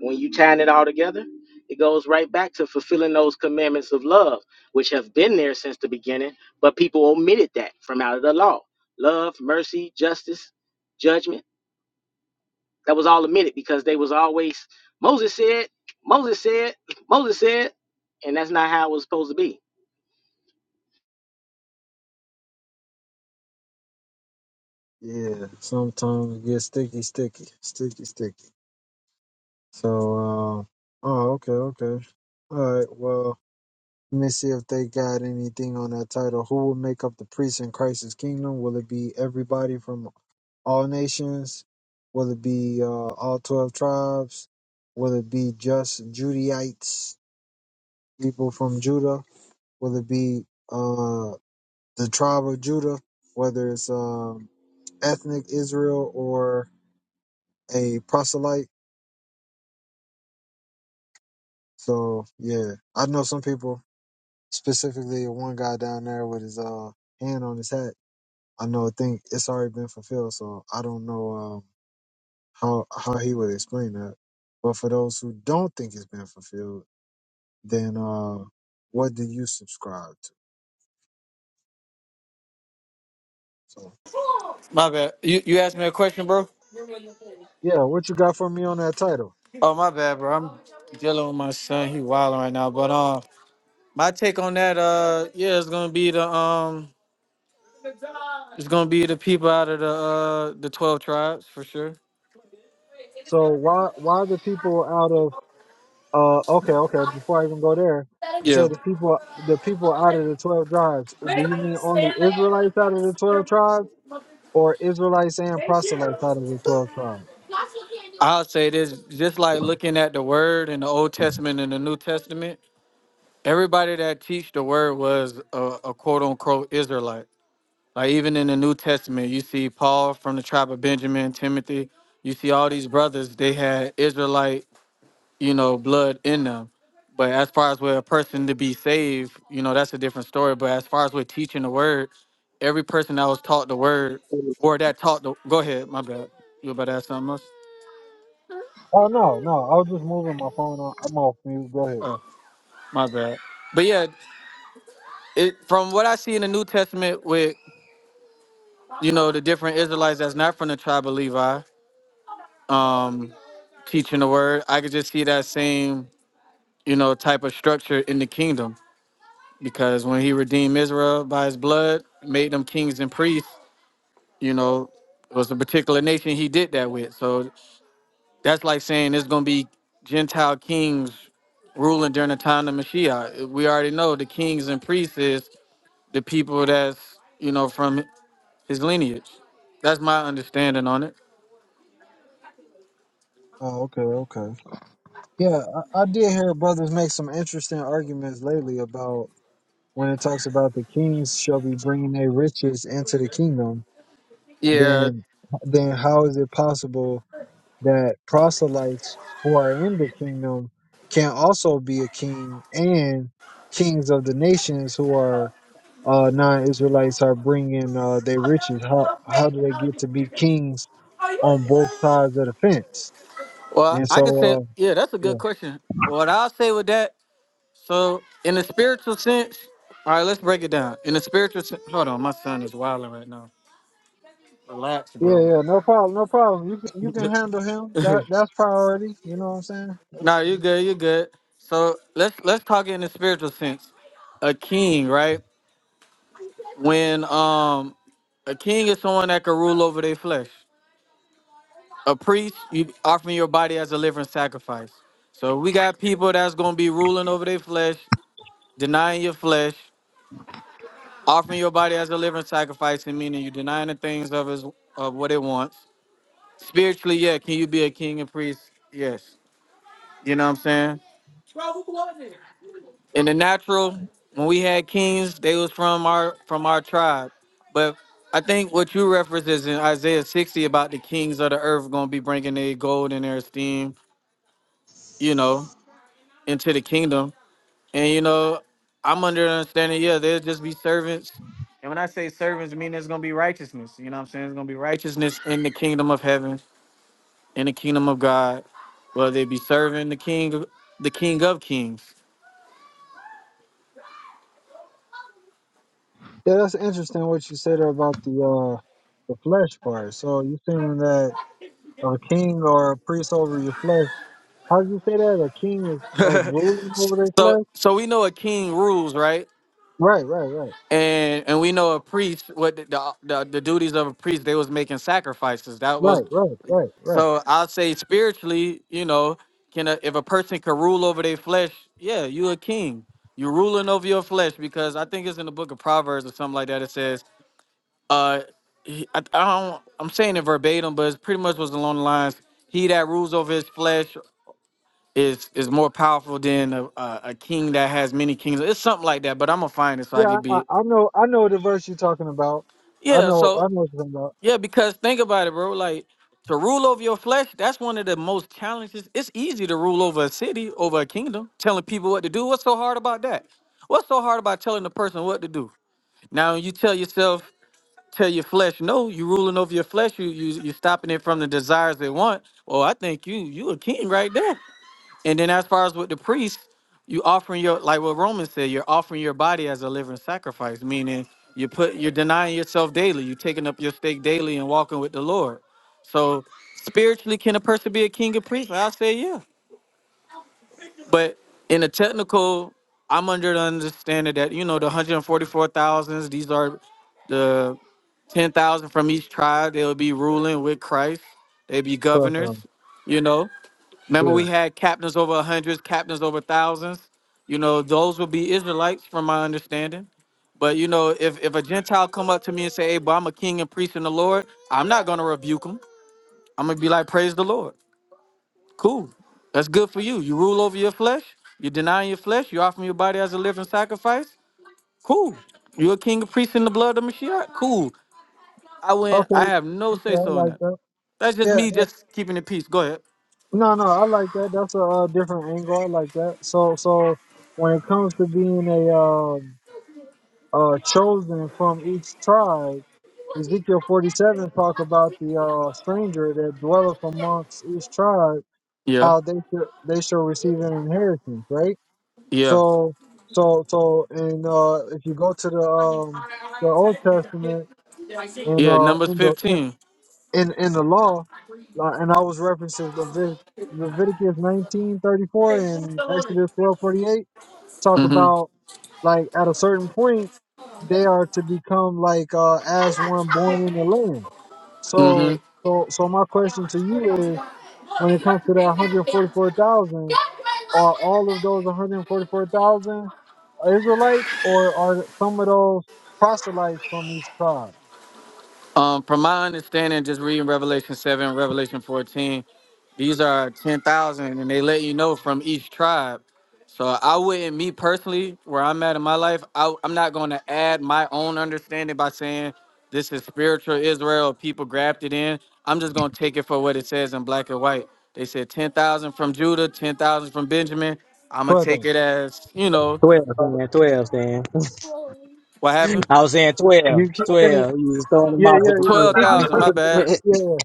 Speaker 2: When you tying it all together, it goes right back to fulfilling those commandments of love, which have been there since the beginning, but people omitted that from out of the law. Love, mercy, justice, judgment. That was all omitted because they was always Moses said, Moses said, Moses said, and that's not how it was supposed to be.
Speaker 1: Yeah, sometimes it gets sticky, sticky, sticky, sticky. So, uh, oh, okay, okay. All right, well. Let me see if they got anything on that title. Who will make up the priests in Christ's kingdom? Will it be everybody from all nations? Will it be uh, all 12 tribes? Will it be just Judaites, people from Judah? Will it be uh, the tribe of Judah, whether it's um, ethnic Israel or a proselyte? So, yeah, I know some people, specifically one guy down there with his uh, hand on his hat I know I think it's already been fulfilled, so I don't know um, how how he would explain that. But for those who don't think it's been fulfilled, then uh, what do you subscribe to? So
Speaker 3: My bad. You you asked me a question, bro.
Speaker 1: yeah, what you got for me on that title?
Speaker 3: Oh my bad, bro. I'm dealing with my son. He wilding right now. But um, my take on that, uh, yeah, it's gonna be the um, it's gonna be the people out of the uh the twelve tribes for sure.
Speaker 1: So why why the people out of uh okay okay before I even go there, you
Speaker 3: Yeah,
Speaker 1: said the people the people out of the twelve tribes. Do you mean only Israelites out of the twelve tribes, or Israelites and proselytes out of the twelve tribes?
Speaker 3: I'll say this. Just like looking at the word in the Old Testament and the New Testament, everybody that teach the word was a, a quote unquote Israelite. Like even in the New Testament, you see Paul from the tribe of Benjamin, Timothy. You see all these brothers; they had Israelite, you know, blood in them. But as far as where a person to be saved, you know, that's a different story. But as far as with teaching the word, every person that was taught the word or that taught the go ahead, my bad. You about to ask something else?
Speaker 1: Oh no, no, I was just moving my phone. On. I'm off mute. Go ahead.
Speaker 3: Oh, my bad. But yeah, it from what I see in the New Testament with you know the different Israelites that's not from the tribe of Levi, um, teaching the word. I could just see that same, you know, type of structure in the kingdom because when he redeemed Israel by his blood, made them kings and priests, you know, it was a particular nation he did that with. So that's like saying there's going to be Gentile kings ruling during the time of Mashiach. We already know the kings and priests is the people that's, you know, from his lineage. That's my understanding on it.
Speaker 1: Oh, okay, okay. Yeah, I, I did hear brothers make some interesting arguments lately about when it talks about the kings shall be bringing their riches into the kingdom.
Speaker 3: Yeah.
Speaker 1: Then, then how is it possible that proselytes who are in the kingdom can also be a king and kings of the nations who are uh, non-Israelites are bringing uh, their riches? How how do they get to be kings on both sides of the fence?
Speaker 3: Well,
Speaker 1: And
Speaker 3: I could
Speaker 1: so.
Speaker 3: say,
Speaker 1: Uh,
Speaker 3: yeah, that's a good question. What I'll say with that So, in a spiritual sense, all right, let's break it down. In a spiritual sense, hold on, my son is wilding right now. Relax,
Speaker 1: Yeah,
Speaker 3: bro.
Speaker 1: yeah, no problem, no problem. You can you can handle him. That that's priority. You know what I'm saying? That's,
Speaker 3: No, you good, you good. So let's let's talk in the spiritual sense. A king, right? When um a king is someone that can rule over their flesh. A priest, you offering your body as a living sacrifice. So we got people that's gonna be ruling over their flesh, denying your flesh, offering your body as a living sacrifice, and meaning you denying the things of his of what it wants Spiritually, yeah. Can you be a king and priest? Yes. You know what I'm saying? In the natural, when we had kings, they was from our from our tribe. But I think what you reference is in Isaiah 60 about the kings of the earth gonna be bringing their gold and their esteem, you know, into the kingdom. And you know, I'm under the understanding, yeah, there'll just be servants. And when I say servants, I mean there's gonna be righteousness. You know what I'm saying? There's gonna be righteousness in the kingdom of heaven in the kingdom of God, whether they be serving the king, the king of kings.
Speaker 1: yeah, that's interesting what you said there about the uh the flesh part. So you saying that a king or a priest over your flesh? How did you say that? A king is like ruling over their
Speaker 3: So,
Speaker 1: flesh?
Speaker 3: so we know a king rules, right?
Speaker 1: Right, right, right,
Speaker 3: And and we know a priest what the the, the, the duties of a priest. They was making sacrifices. That was
Speaker 1: right, right, right, right.
Speaker 3: so. I'll say spiritually, you know, can a, if a person can rule over their flesh, yeah, you a king. You're ruling over your flesh because I think it's in the book of Proverbs or something like that. It says, uh, he- I, I don't. I'm saying it verbatim, but it pretty much was along the lines: He that rules over his flesh is is more powerful than a, a, a king that has many kings. It's something like that, but I'm gonna find it so I can
Speaker 1: Yeah, I,
Speaker 3: be
Speaker 1: I I know I know the verse you're talking about. I
Speaker 3: yeah.
Speaker 1: know I
Speaker 3: So
Speaker 1: know what you're talking about.
Speaker 3: yeah, because think about it, bro. Like to rule over your flesh, that's one of the most challenges. It's easy to rule over a city, over a kingdom, telling people what to do. What's so hard about that? What's so hard about telling a person what to do? Now you tell yourself, tell your flesh, no, you ruling over your flesh. You you you stopping it from the desires they want. Well, I think you you a king right there. And then as far as with the priest, you offering your like what Romans said, you're offering your body as a living sacrifice, meaning you put you're denying yourself daily, you're taking up your stake daily and walking with the Lord. So spiritually, can a person be a king and priest? I'll say yeah. But in a technical, I'm under the understanding that you know the 144,000s, these are the 10,000 from each tribe. They'll be ruling with Christ. They'll be
Speaker 1: Twelve
Speaker 3: governors,
Speaker 1: thousand.
Speaker 3: you know. Remember,
Speaker 1: Yeah.
Speaker 3: we had captains over hundreds, captains over thousands. You know, those would be Israelites, from my understanding. But you know, if if a Gentile come up to me and say, "Hey, but I'm a king and priest in the Lord," I'm not gonna rebuke him. I'm gonna be like, "Praise the Lord, cool. That's good for you. You rule over your flesh. You're denying your flesh. You're offering your body as a living sacrifice. Cool. You're a king and priest in the blood of Mashiach. Cool. I went.
Speaker 1: Okay.
Speaker 3: I have no
Speaker 1: Okay,
Speaker 3: say
Speaker 1: I
Speaker 3: so in
Speaker 1: like
Speaker 3: that.
Speaker 1: that.
Speaker 3: That's just
Speaker 1: Yeah,
Speaker 3: me, just keeping the peace. Go ahead.
Speaker 1: No, no, I like that. That's a uh, different angle. I like that. So, so when it comes to being a um, uh, chosen from each tribe, Ezekiel forty-seven talk about the uh, stranger that dwelleth amongst each tribe,
Speaker 3: Yeah.
Speaker 1: how they should they shall receive an inheritance, right?
Speaker 3: Yeah.
Speaker 1: So, so, so, and uh, if you go to the um, the Old Testament and
Speaker 3: Yeah.
Speaker 1: uh,
Speaker 3: Numbers
Speaker 1: in the
Speaker 3: fifteen.
Speaker 1: in in the law, like, and I was referencing Levit- Leviticus nineteen thirty four and Exodus twelve forty eight talk about
Speaker 3: Mm-hmm.
Speaker 1: like at a certain point they are to become like uh, as one born in the land. So
Speaker 3: Mm-hmm.
Speaker 1: so so my question to you is when it comes to that one hundred forty four thousand, are all of those one hundred forty four thousand Israelites or are some of those proselytes from each tribe?
Speaker 3: Um, from my understanding, just reading Revelation 7, Revelation 14, these are 10,000 and they let you know from each tribe. So I wouldn't, me personally, where I'm at in my life, I, I'm not going to add my own understanding by saying this is spiritual Israel, people grabbed it in. I'm just going to take it for what it says in black and white. They said 10,000 from Judah, 10,000 from Benjamin. I'm going to take
Speaker 1: Brother,
Speaker 3: it as, you know,
Speaker 2: 12, man. 12, man.
Speaker 3: what happened?
Speaker 2: I was saying 12.
Speaker 1: you keep saying
Speaker 2: 12. You was throwing them
Speaker 1: yeah
Speaker 2: off with
Speaker 3: 12,000,
Speaker 1: yeah.
Speaker 3: my
Speaker 2: the 12.
Speaker 3: bad.
Speaker 1: Yeah,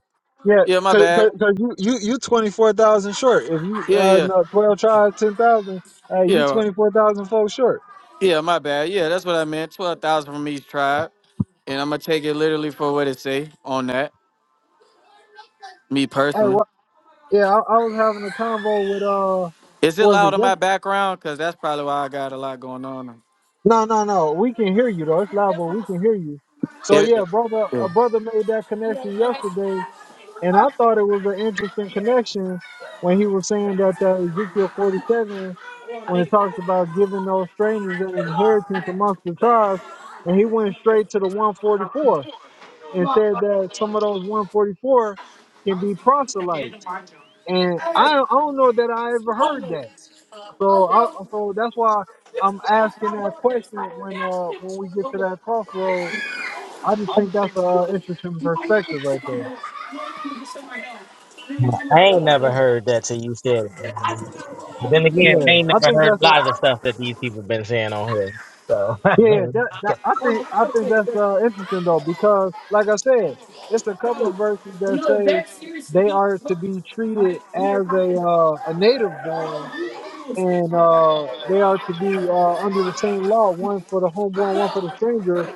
Speaker 1: yeah,
Speaker 3: Yeah, my
Speaker 1: cause,
Speaker 3: bad.
Speaker 1: cause, 'cause you you you twenty four thousand short. If you
Speaker 3: Yeah,
Speaker 1: uh
Speaker 3: yeah.
Speaker 1: no twelve tribes ten thousand, hey, you
Speaker 3: Yeah,
Speaker 1: twenty four thousand folks short.
Speaker 3: yeah, my bad. Yeah, that's what I meant. Twelve thousand from each tribe, and I'm gonna take it literally for what it say on that. Me
Speaker 1: Hey,
Speaker 3: personally,
Speaker 1: wha yeah, I, I was having a convo with uh,
Speaker 3: is it
Speaker 1: what was
Speaker 3: loud
Speaker 1: it?
Speaker 3: in
Speaker 1: Yes.
Speaker 3: my background? Cause that's probably why I got a lot going on.
Speaker 1: No, no, no. We can hear you though. It's loud, but we can hear you. So
Speaker 3: It,
Speaker 1: yeah,
Speaker 3: it-
Speaker 1: brother,
Speaker 3: yeah.
Speaker 1: a brother made that connection yesterday And I thought it was an interesting connection when he was saying that that Ezekiel 47, when it talks about giving those strangers an inheritance amongst the tribes, and he went straight to the 144 and said that some of those 144 can be proselytes. And I, I don't know that I ever heard that. So I, so that's why I'm asking that question when uh when we get to that crossroad. I just think that's a uh, interesting perspective right there.
Speaker 2: I ain't never heard that till you said it. But then again, I
Speaker 1: Yeah,
Speaker 2: ain't
Speaker 1: I
Speaker 2: never
Speaker 1: think
Speaker 2: heard
Speaker 1: that's
Speaker 2: a
Speaker 1: a
Speaker 2: lot of the stuff that these people been saying on here.
Speaker 1: Yeah,
Speaker 2: So
Speaker 1: that, that I think I think that's uh, interesting though because, like I said, it's a couple of verses that say they are to be treated as a uh, a native born, and uh, they are to be uh, under the same law, one for the homeborn, one for the stranger.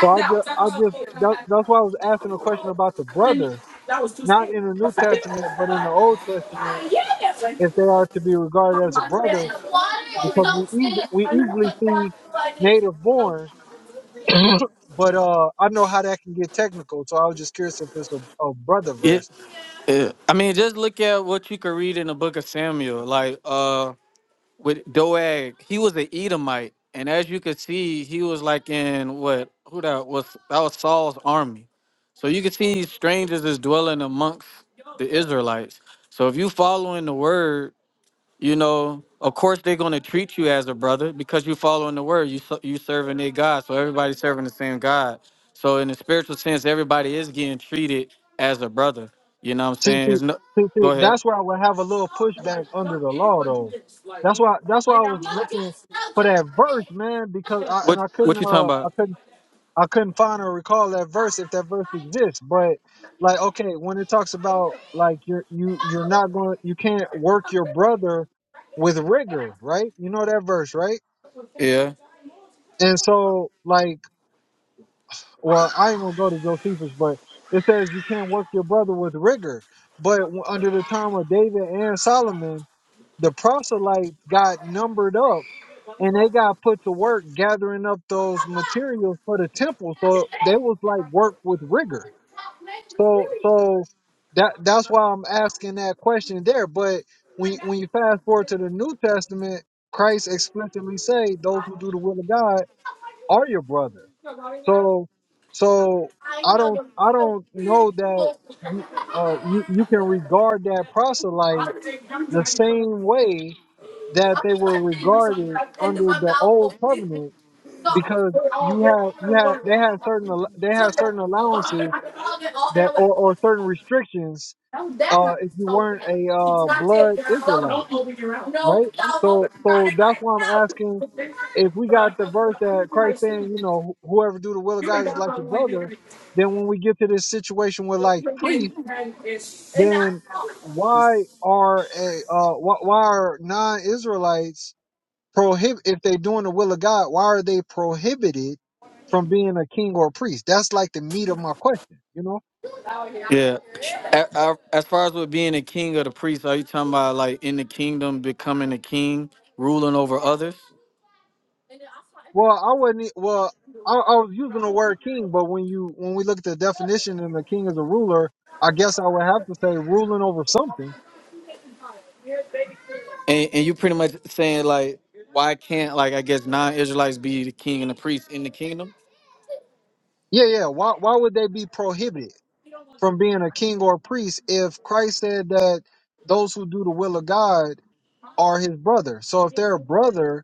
Speaker 1: So I just I just that, that's why I was asking a question about the brother, not in the New Testament, but in the Old Testament, if they are to be regarded as a brother, because we eas we easily see native born but uh, I know how that can get technical, so I was just curious if it's a, a brother
Speaker 3: Yeah,
Speaker 1: verse.
Speaker 3: yeah. I mean, just look at what you could read in the book of Samuel. Like, uh, with Doag, he was an Edomite, and as you could see, he was like in what who that was that was Saul's army. So you could see strangers is dwelling amongst the Israelites. So if you following the word, you know, of course they're gonna treat you as a brother because you following the word. You ser- you serving their God, so everybody's serving the same God. So in the spiritual sense, everybody is getting treated as a brother. You know what I'm
Speaker 1: See,
Speaker 3: saying?
Speaker 1: see,
Speaker 3: It's no.
Speaker 1: see,
Speaker 3: Go
Speaker 1: see,
Speaker 3: ahead.
Speaker 1: that's where I would have a little pushback under the law, though. That's why, that's why I was looking for that verse, man, because I and
Speaker 3: What
Speaker 1: I couldn't,
Speaker 3: what you talking
Speaker 1: uh, I
Speaker 3: about?
Speaker 1: couldn't, I couldn't find or recall that verse if that verse exists. But like, okay, when it talks about like you're you you're not going, you can't work your brother with rigor, right? You know that verse, right?
Speaker 3: Yeah.
Speaker 1: And so, like well, I ain't gonna go to Josephus, but it says you can't work your brother with rigor. But w- under the time of David and Solomon, the proselytes got numbered up and they got put to work gathering up those materials for the temple. So they was like work with rigor. So, so that that's why I'm asking that question there. But when when you fast forward to the New Testament, Christ explicitly say those who do the will of God are your brother. So so I don't I don't know that you uh you you can regard that proselyte the same way that they were regarded under the old covenant because you have you have they had certain al- they had certain allowances that or, or certain restrictions uh if you weren't a uh blood Israelite right? So so that's why I'm asking if we got the verse that Christ saying, you know, wh- whoever do the will of God is like a brother, then when we get to this situation with like priests, then why are a uh why, why are non-Israelites prohibit if they doing the will of God, why are they prohibited from being a king or a priest? That's like the meat of my question, you know?
Speaker 3: Yeah. A- a- As far as with being a king or the priest, are you talking about like in the kingdom becoming a king, ruling over others?
Speaker 1: Well, I wouldn't. e- Well, I, I was using the word king, but when you when we look at the definition and the king is a ruler, I guess I would have to say ruling over something.
Speaker 3: And, and you pretty much saying like, why can't like I guess non-Israelites be the king and the priest in the kingdom?
Speaker 1: Yeah, yeah. Why why would they be prohibited from being a king or a priest if Christ said that those who do the will of God are His brother? So if they're a brother,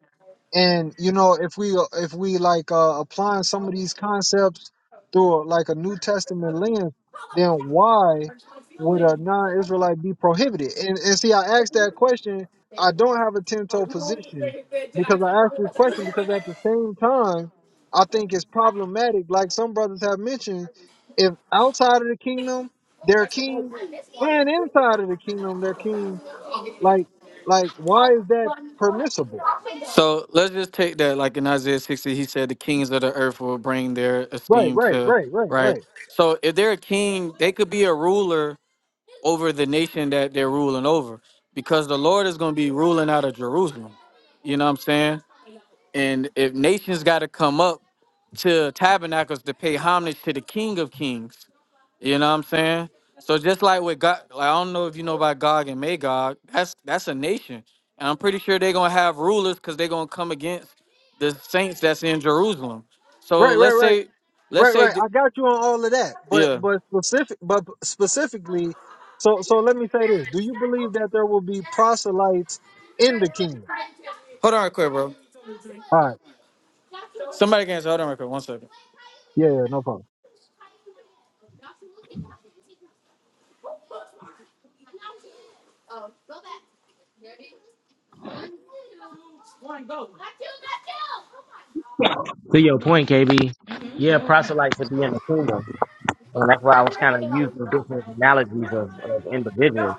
Speaker 1: And you know, if we uh, if we like uh, applying some of these concepts through like a New Testament lens, then why would a non-Israelite be prohibited? And and see, I asked that question. I don't have a ten-toe position because I asked this question because at the same time, I think it's problematic. Like some brothers have mentioned, if outside of the kingdom they're kings, and inside of the kingdom they're kings, like like why is that permissible?
Speaker 3: So let's just take that like in Isaiah 60, he said the kings of the earth will bring their
Speaker 1: Right,
Speaker 3: esteem
Speaker 1: right,
Speaker 3: to
Speaker 1: right, right,
Speaker 3: right.
Speaker 1: right,
Speaker 3: So if they're a king, they could be a ruler over the nation that they're ruling over, because the Lord is going to be ruling out of Jerusalem. You know what I'm saying? And if nations got to come up to tabernacles to pay homage to the King of Kings, you know what I'm saying? So just like with God, like, I don't know if you know about Gog and Magog, that's that's a nation, and I'm pretty sure they're gonna have rulers because they're gonna come against the saints that's in Jerusalem. So
Speaker 1: right, right,
Speaker 3: let's
Speaker 1: right,
Speaker 3: say, let's
Speaker 1: right,
Speaker 3: say,
Speaker 1: right.
Speaker 3: the,
Speaker 1: I got you on all of that, but
Speaker 3: yeah.
Speaker 1: but specific, but specifically, so so let me say this: Do you believe that there will be proselytes in the kingdom?
Speaker 3: Hold on, real quick, bro.
Speaker 1: All right,
Speaker 3: Somebody can answer. Hold on, real quick. One second.
Speaker 1: yeah, yeah, no problem.
Speaker 2: to your point, KB, yeah, proselytes would be in the kingdom, and that's why I was kind of using different analogies of, of individuals.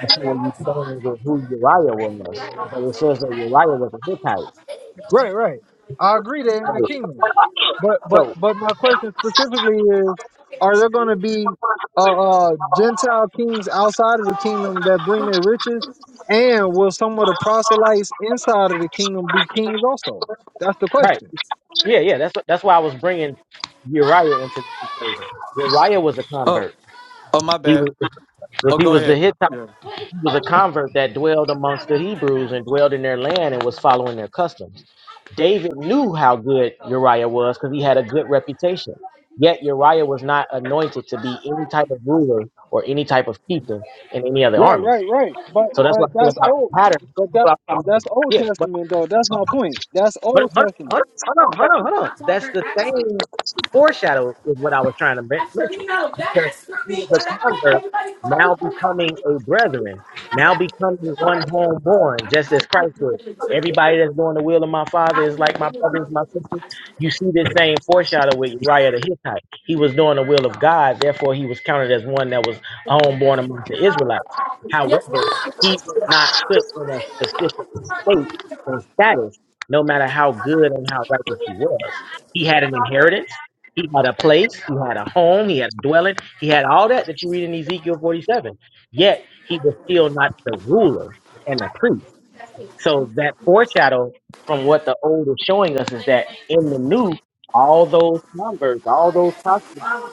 Speaker 2: That's what you saying with who Uriah was, but it says that Uriah was a Hittite.
Speaker 1: Right, right. I agree they're in the
Speaker 2: So,
Speaker 1: kingdom, but but
Speaker 2: so
Speaker 1: but my question specifically is: Are there going to be uh, uh Gentile kings outside of the kingdom that bring their riches, and will some of the proselytes inside of the kingdom be kings also? That's the
Speaker 2: right,
Speaker 1: question.
Speaker 2: yeah, yeah. That's that's why I was bringing Uriah into the equation. Uriah was a
Speaker 3: Oh,
Speaker 2: convert.
Speaker 3: oh, my
Speaker 2: He
Speaker 3: bad.
Speaker 2: was, if
Speaker 3: Oh,
Speaker 2: he
Speaker 3: go
Speaker 2: was the
Speaker 3: ahead.
Speaker 2: Hittite.
Speaker 3: Yeah.
Speaker 2: was a convert that dwelled amongst the Hebrews and dwelled in their land and was following their customs. David knew how good Uriah was because he had a good reputation. Yet Uriah was not anointed to be any type of ruler or any type of chieftain in any other
Speaker 1: Right, right,
Speaker 2: armies.
Speaker 1: right. But
Speaker 2: So that's
Speaker 1: but
Speaker 2: what I feel
Speaker 1: that's
Speaker 2: about
Speaker 1: old.
Speaker 2: the pattern.
Speaker 1: But that
Speaker 2: So I'm- I'm-
Speaker 1: that's Old
Speaker 2: Yeah, but
Speaker 1: Testament though. That's my point. That's
Speaker 2: but
Speaker 1: Old
Speaker 2: but
Speaker 1: Testament.
Speaker 2: but- hold on, hold on, hold on. hold on. That's the same foreshadow is what I was trying to men- mention who is a convert now becoming a brethren, now becoming one homeborn, just as Christ was. Everybody that's doing the will of my father is like my brothers, my sisters. You see this same foreshadow with Uriah the Hittite. He was doing the will of God, therefore he was counted as one that was a homeborn among the Israelites. However, he was not put in a specific state and status, no matter how good and how righteous he was. He had an inheritance. He had a place. He had a home. He had a dwelling. He had all that that you read in Ezekiel 47. Yet he was still not the ruler and the priest. So that foreshadow from what the old is showing us is that in the new, all those numbers, all those prophets,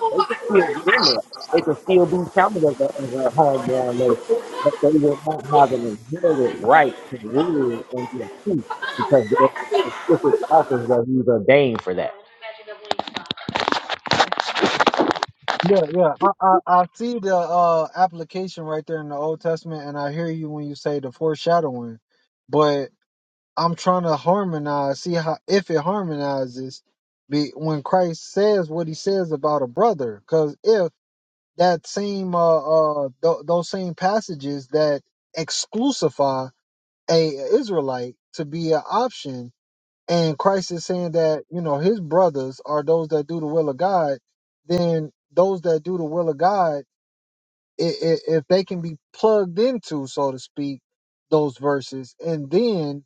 Speaker 2: they could still be in there. They could still be counted as a, as a homeborn nation, but they would not have an inherited right to rule and be a priest because there's specific office that he's ordained for that.
Speaker 1: Yeah, yeah. I, I, I see the uh, application right there in the Old Testament, and I hear you when you say the foreshadowing. But I'm trying to harmonize, see how if it harmonizes be, when Christ says what he says about a brother. Because if that same, uh, uh, th- those same passages that exclusify a Israelite to be an option and Christ is saying that, you know, his brothers are those that do the will of God, then those that do the will of God, i- i- if they can be plugged into, so to speak, those verses, and then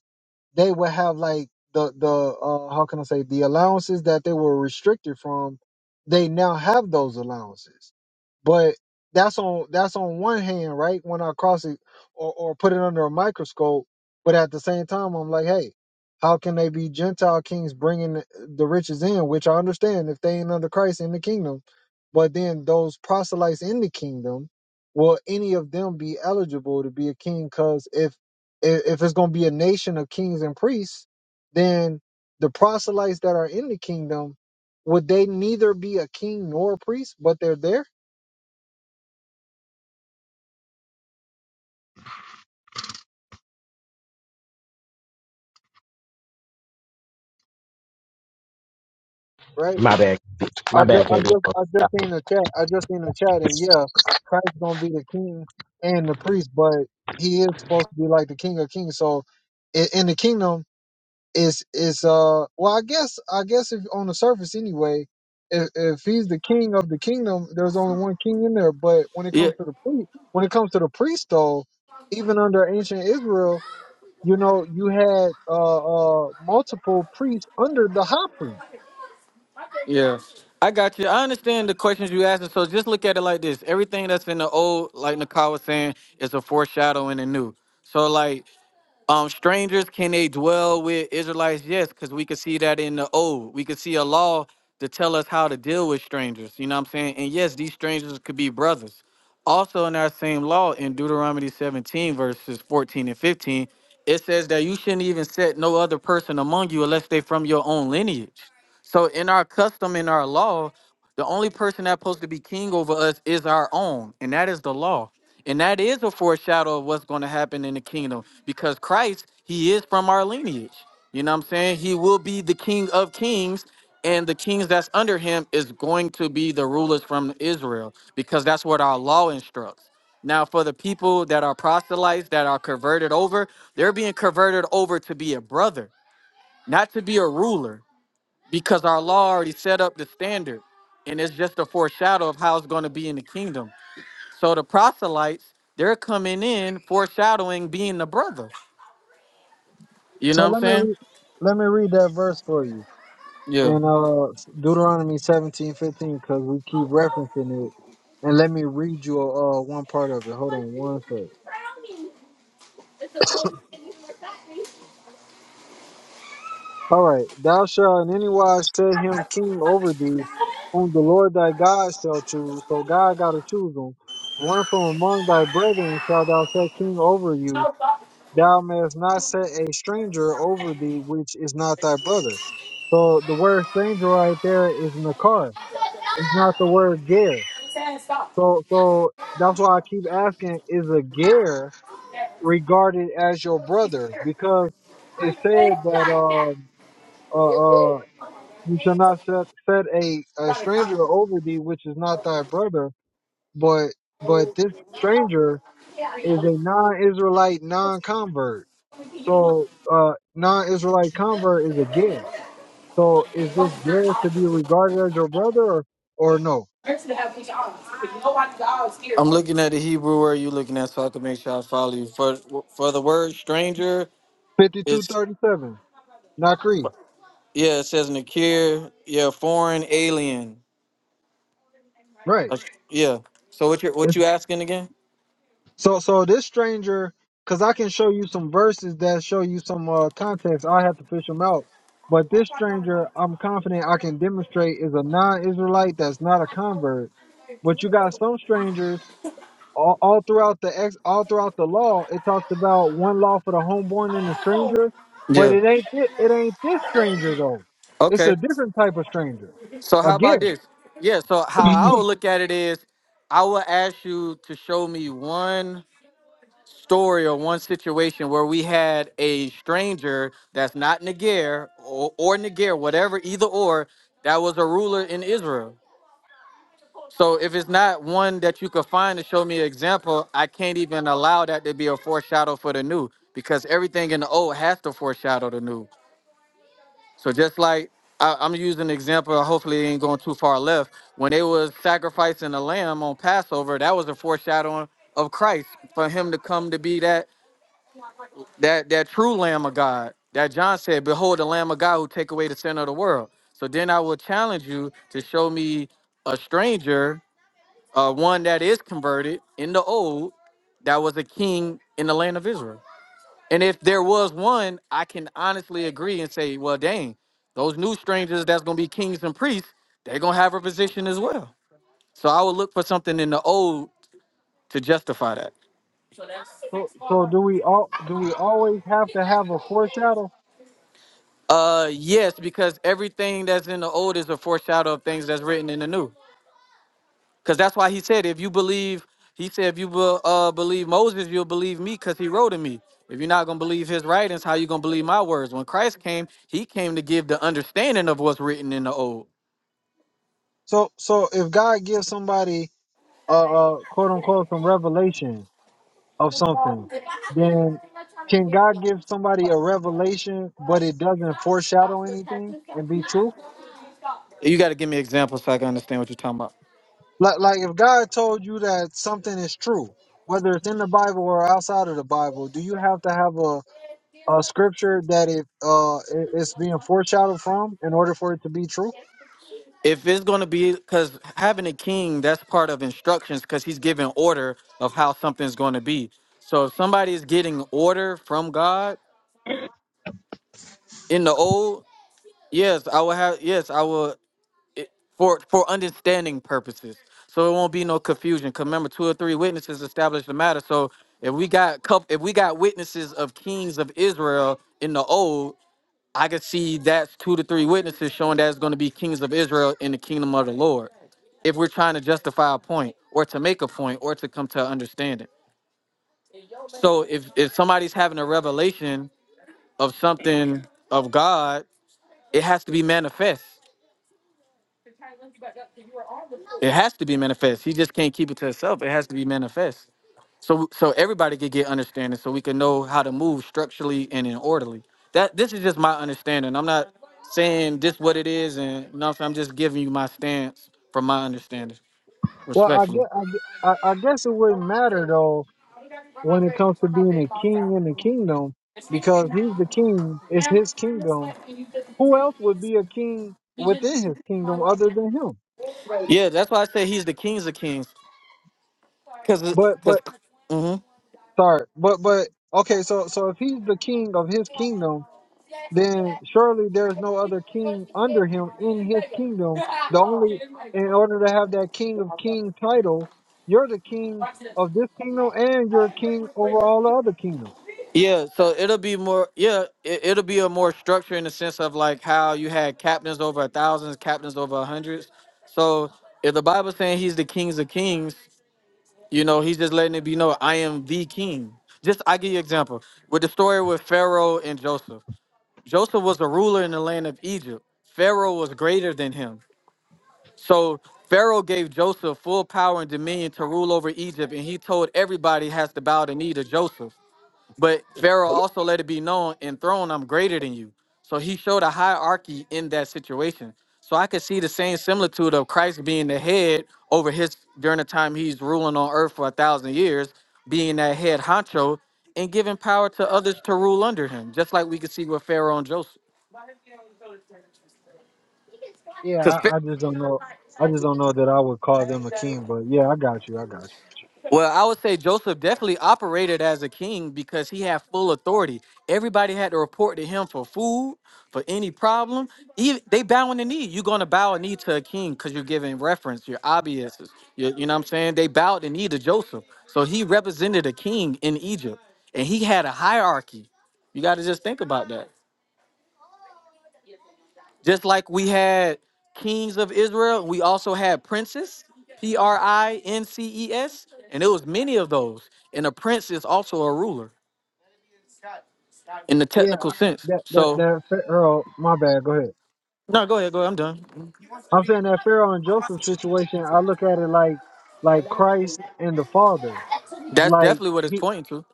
Speaker 1: they will have like the, the, uh, how can I say, the allowances that they were restricted from, they now have those allowances but that's on that's on one hand, right? When I cross it or, or put it under a microscope, but at the same time, I'm like, hey, how can they be Gentile kings bringing the riches in? Which I understand if they ain't under Christ in the kingdom, but then those proselytes in the kingdom, will any of them be eligible to be a king? Because if if if it's gonna be a nation of kings and priests, then the proselytes that are in the kingdom would they neither be a king nor a priest, but they're there? right?
Speaker 2: My bad.
Speaker 1: I
Speaker 2: My
Speaker 1: just,
Speaker 2: bad,
Speaker 1: I
Speaker 2: KB.
Speaker 1: just, I just seen the chat. I just seen the chat, and yeah, Christ's gonna be the king and the priest, but he is supposed to be like the king of kings. So, in, in the kingdom, is is uh, well, I guess, I guess if on the surface anyway, if if he's the king of the kingdom, there's only one king in there. But when it
Speaker 3: Yeah.
Speaker 1: comes to the priest, when it comes to the priest, though, even under ancient Israel, you know, you had uh, uh multiple priests under the high priest
Speaker 3: Yeah, I got you. I understand the questions you asking. So just look at it like this: everything that's in the old, like Nakai was saying, is a foreshadowing in the new. So like, um, strangers can they dwell with Israelites? Yes, because we could see that in the old. We could see a law to tell us how to deal with strangers. You know what I'm saying? And yes, these strangers could be brothers. Also, in that same law, in Deuteronomy 17, verses 14 and 15, it says that you shouldn't even set no other person among you unless they from your own lineage. So, in our custom, in our law, the only person that's supposed to be king over us is our own, and that is the law. And that is a foreshadow of what's going to happen in the kingdom because Christ, he is from our lineage. You know what I'm saying? He will be the king of kings, and the kings that's under him is going to be the rulers from Israel because that's what our law instructs. Now, for the people that are proselytes, that are converted over, they're being converted over to be a brother, not to be a ruler, because our law already set up the standard. And it's just a foreshadow of how it's going to be in the kingdom. So the proselytes, they're coming in foreshadowing being the brother. You know
Speaker 1: So
Speaker 3: what I'm
Speaker 1: let me
Speaker 3: saying?
Speaker 1: re- let me read that verse for you
Speaker 3: Yeah.
Speaker 1: in uh, Deuteronomy seventeen fifteen because we keep referencing it. And let me read you uh, one part of it. Hold on one sec. All right. Thou shalt in any wise set him king over thee, whom the Lord thy God shall choose. So God got to choose him. One from among thy brethren shalt thou set king over you. Thou mayest not set a stranger over thee, which is not thy brother. So the word stranger right there is Nakar It's not the word gear. So so that's why I keep asking, is a gear regarded as your brother? Because it said that um uh uh you shall not set set a, a stranger over thee which is not thy brother, but but this stranger is a non Israelite non convert. So uh non Israelite convert is a gear. So is this gear to be regarded as your brother or, or no?
Speaker 3: I'm looking at the Hebrew word you looking at, so I can make sure I follow you. For for the word stranger,
Speaker 1: Fifty two
Speaker 3: it's
Speaker 1: thirty seven. Not Cree.
Speaker 3: yeah, it says nakir, yeah, foreign, alien,
Speaker 1: Right.
Speaker 3: Uh, yeah. So what you what
Speaker 1: If-
Speaker 3: you asking again?
Speaker 1: So so this stranger, because I can show you some verses that show you some uh, context. I have to fish them out. But this stranger, I'm confident I can demonstrate is a non-Israelite that's not a convert. But you got some strangers all, all throughout the ex, all throughout the law. It talks about one law for the homeborn and the stranger, but
Speaker 3: Yeah.
Speaker 1: it ain't thi- it ain't this stranger though. It's
Speaker 3: Okay.
Speaker 1: a different type of stranger.
Speaker 3: So how about
Speaker 1: Again,
Speaker 3: this? Yeah. So how I would look at it is, I would ask you to show me one. story or one situation where we had a stranger that's not Niger or, or Niger, whatever, either or, that was a ruler in Israel. So if it's not one that you could find to show me an example, I can't even allow that to be a foreshadow for the new because everything in the old has to foreshadow the new. So just like I, I'm using an example, hopefully it ain't going too far left. When they was sacrificing a lamb on Passover, that was a foreshadowing of Christ for him to come to be that that that true Lamb of God that John said, "Behold, the Lamb of God who take away the sin of the world." So then I will challenge you to show me a stranger, uh, one that is converted in the old, that was a king in the land of Israel. And if there was one, I can honestly agree and say, "Well, dang, those new strangers that's gonna be kings and priests, they're gonna have a position as well." So I would look for something in the old to justify that.
Speaker 1: so so do we all do we always have to have a foreshadow?
Speaker 3: Uh, yes, because everything that's in the old is a foreshadow of things that's written in the new. Because that's why he said, if you believe, he said, if you be- uh believe Moses, you'll believe me, because he wrote in me. If you're not gonna believe his writings, how you gonna believe my words? When Christ came, he came to give the understanding of what's written in the old.
Speaker 1: So, so if God gives somebody uh, uh quote unquote some revelation of something, then can God give somebody a revelation but it doesn't foreshadow anything and be true?
Speaker 3: You got to give me examples so I can understand what you're talking about.
Speaker 1: Like, like if God told you that something is true, whether it's in the Bible or outside of the Bible, do you have to have a, a scripture that it uh it- it's being foreshadowed from in order for it to be true?
Speaker 3: If it's gonna be, because having a king, that's part of instructions, because he's giving order of how something's gonna be. So if somebody is getting order from God in the old, Yes, I will have. Yes, I will for for understanding purposes. So it won't be no confusion. Cause remember, two or three witnesses establish the matter. So if we got coup- if we got witnesses of kings of Israel in the old, I could see that's two to three witnesses showing that it's going to be kings of Israel in the kingdom of the Lord. If we're trying to justify a point or to make a point or to come to understanding. So if if somebody's having a revelation of something of God, it has to be manifest. It has to be manifest. He just can't keep it to himself. It has to be manifest. So so everybody could get understanding so we can know how to move structurally and in orderly. That this is just my understanding. I'm not saying this what it is and you know what I'm saying? I'm just giving you my stance from my understanding,
Speaker 1: Well, I
Speaker 3: respectfully.
Speaker 1: guess I, I I guess it wouldn't matter though when it comes to being a king in the kingdom because he's the king, it's his kingdom. Who else would be a king within his kingdom other than him?
Speaker 3: Yeah, that's why I say he's the kings of kings. Cause,
Speaker 1: But
Speaker 3: because
Speaker 1: but sorry, but but okay, so so if he's the king of his kingdom, then surely there's no other king under him in his kingdom. The only in order to have that king of king title, you're the king of this kingdom and you're king over all the other kingdoms.
Speaker 3: Yeah, so it'll be more. Yeah, it, it'll be a more structure in the sense of like how you had captains over thousands, captains over hundreds. So if the Bible's saying he's the kings of kings, you know, he's just letting it be known. I am the king. Just I give you an example with the story with Pharaoh and Joseph. Joseph was a ruler in the land of Egypt. Pharaoh was greater than him. So Pharaoh gave Joseph full power and dominion to rule over Egypt, and he told everybody has to bow the knee to Joseph. But Pharaoh also let it be known, in throne, I'm greater than you. So he showed a hierarchy in that situation. So I could see the same similitude of Christ being the head over his during the time he's ruling on earth for a thousand years, being that head honcho and giving power to others to rule under him, just like we could see with Pharaoh and Joseph.
Speaker 1: Yeah, I, I just don't know. I just don't know that I would call them a king, but yeah, I got you. I got
Speaker 3: Well, I would say Joseph definitely operated as a king because he had full authority. Everybody had to report to him for food, for any problem. Even they bowing the knee. You're gonna bow a knee to a king because you're giving reference. You're obvious. You, you know what I'm saying? They bowed the knee to Joseph, so he represented a king in Egypt, and he had a hierarchy. You got to just think about that. Just like we had kings of Israel, we also had princes, P R I N C E S, and it was many of those. And a prince is also a ruler in the
Speaker 1: you. Yeah,
Speaker 3: technical
Speaker 1: I-
Speaker 3: sense.
Speaker 1: that that
Speaker 3: So,
Speaker 1: that Pharaoh. My bad. Go ahead.
Speaker 3: no, go ahead, go ahead. I'm done.
Speaker 1: I'm saying that Pharaoh and Joseph situation. I look at it like like Christ and the Father.
Speaker 3: That's
Speaker 1: Like
Speaker 3: definitely what it's
Speaker 1: he
Speaker 3: pointing to.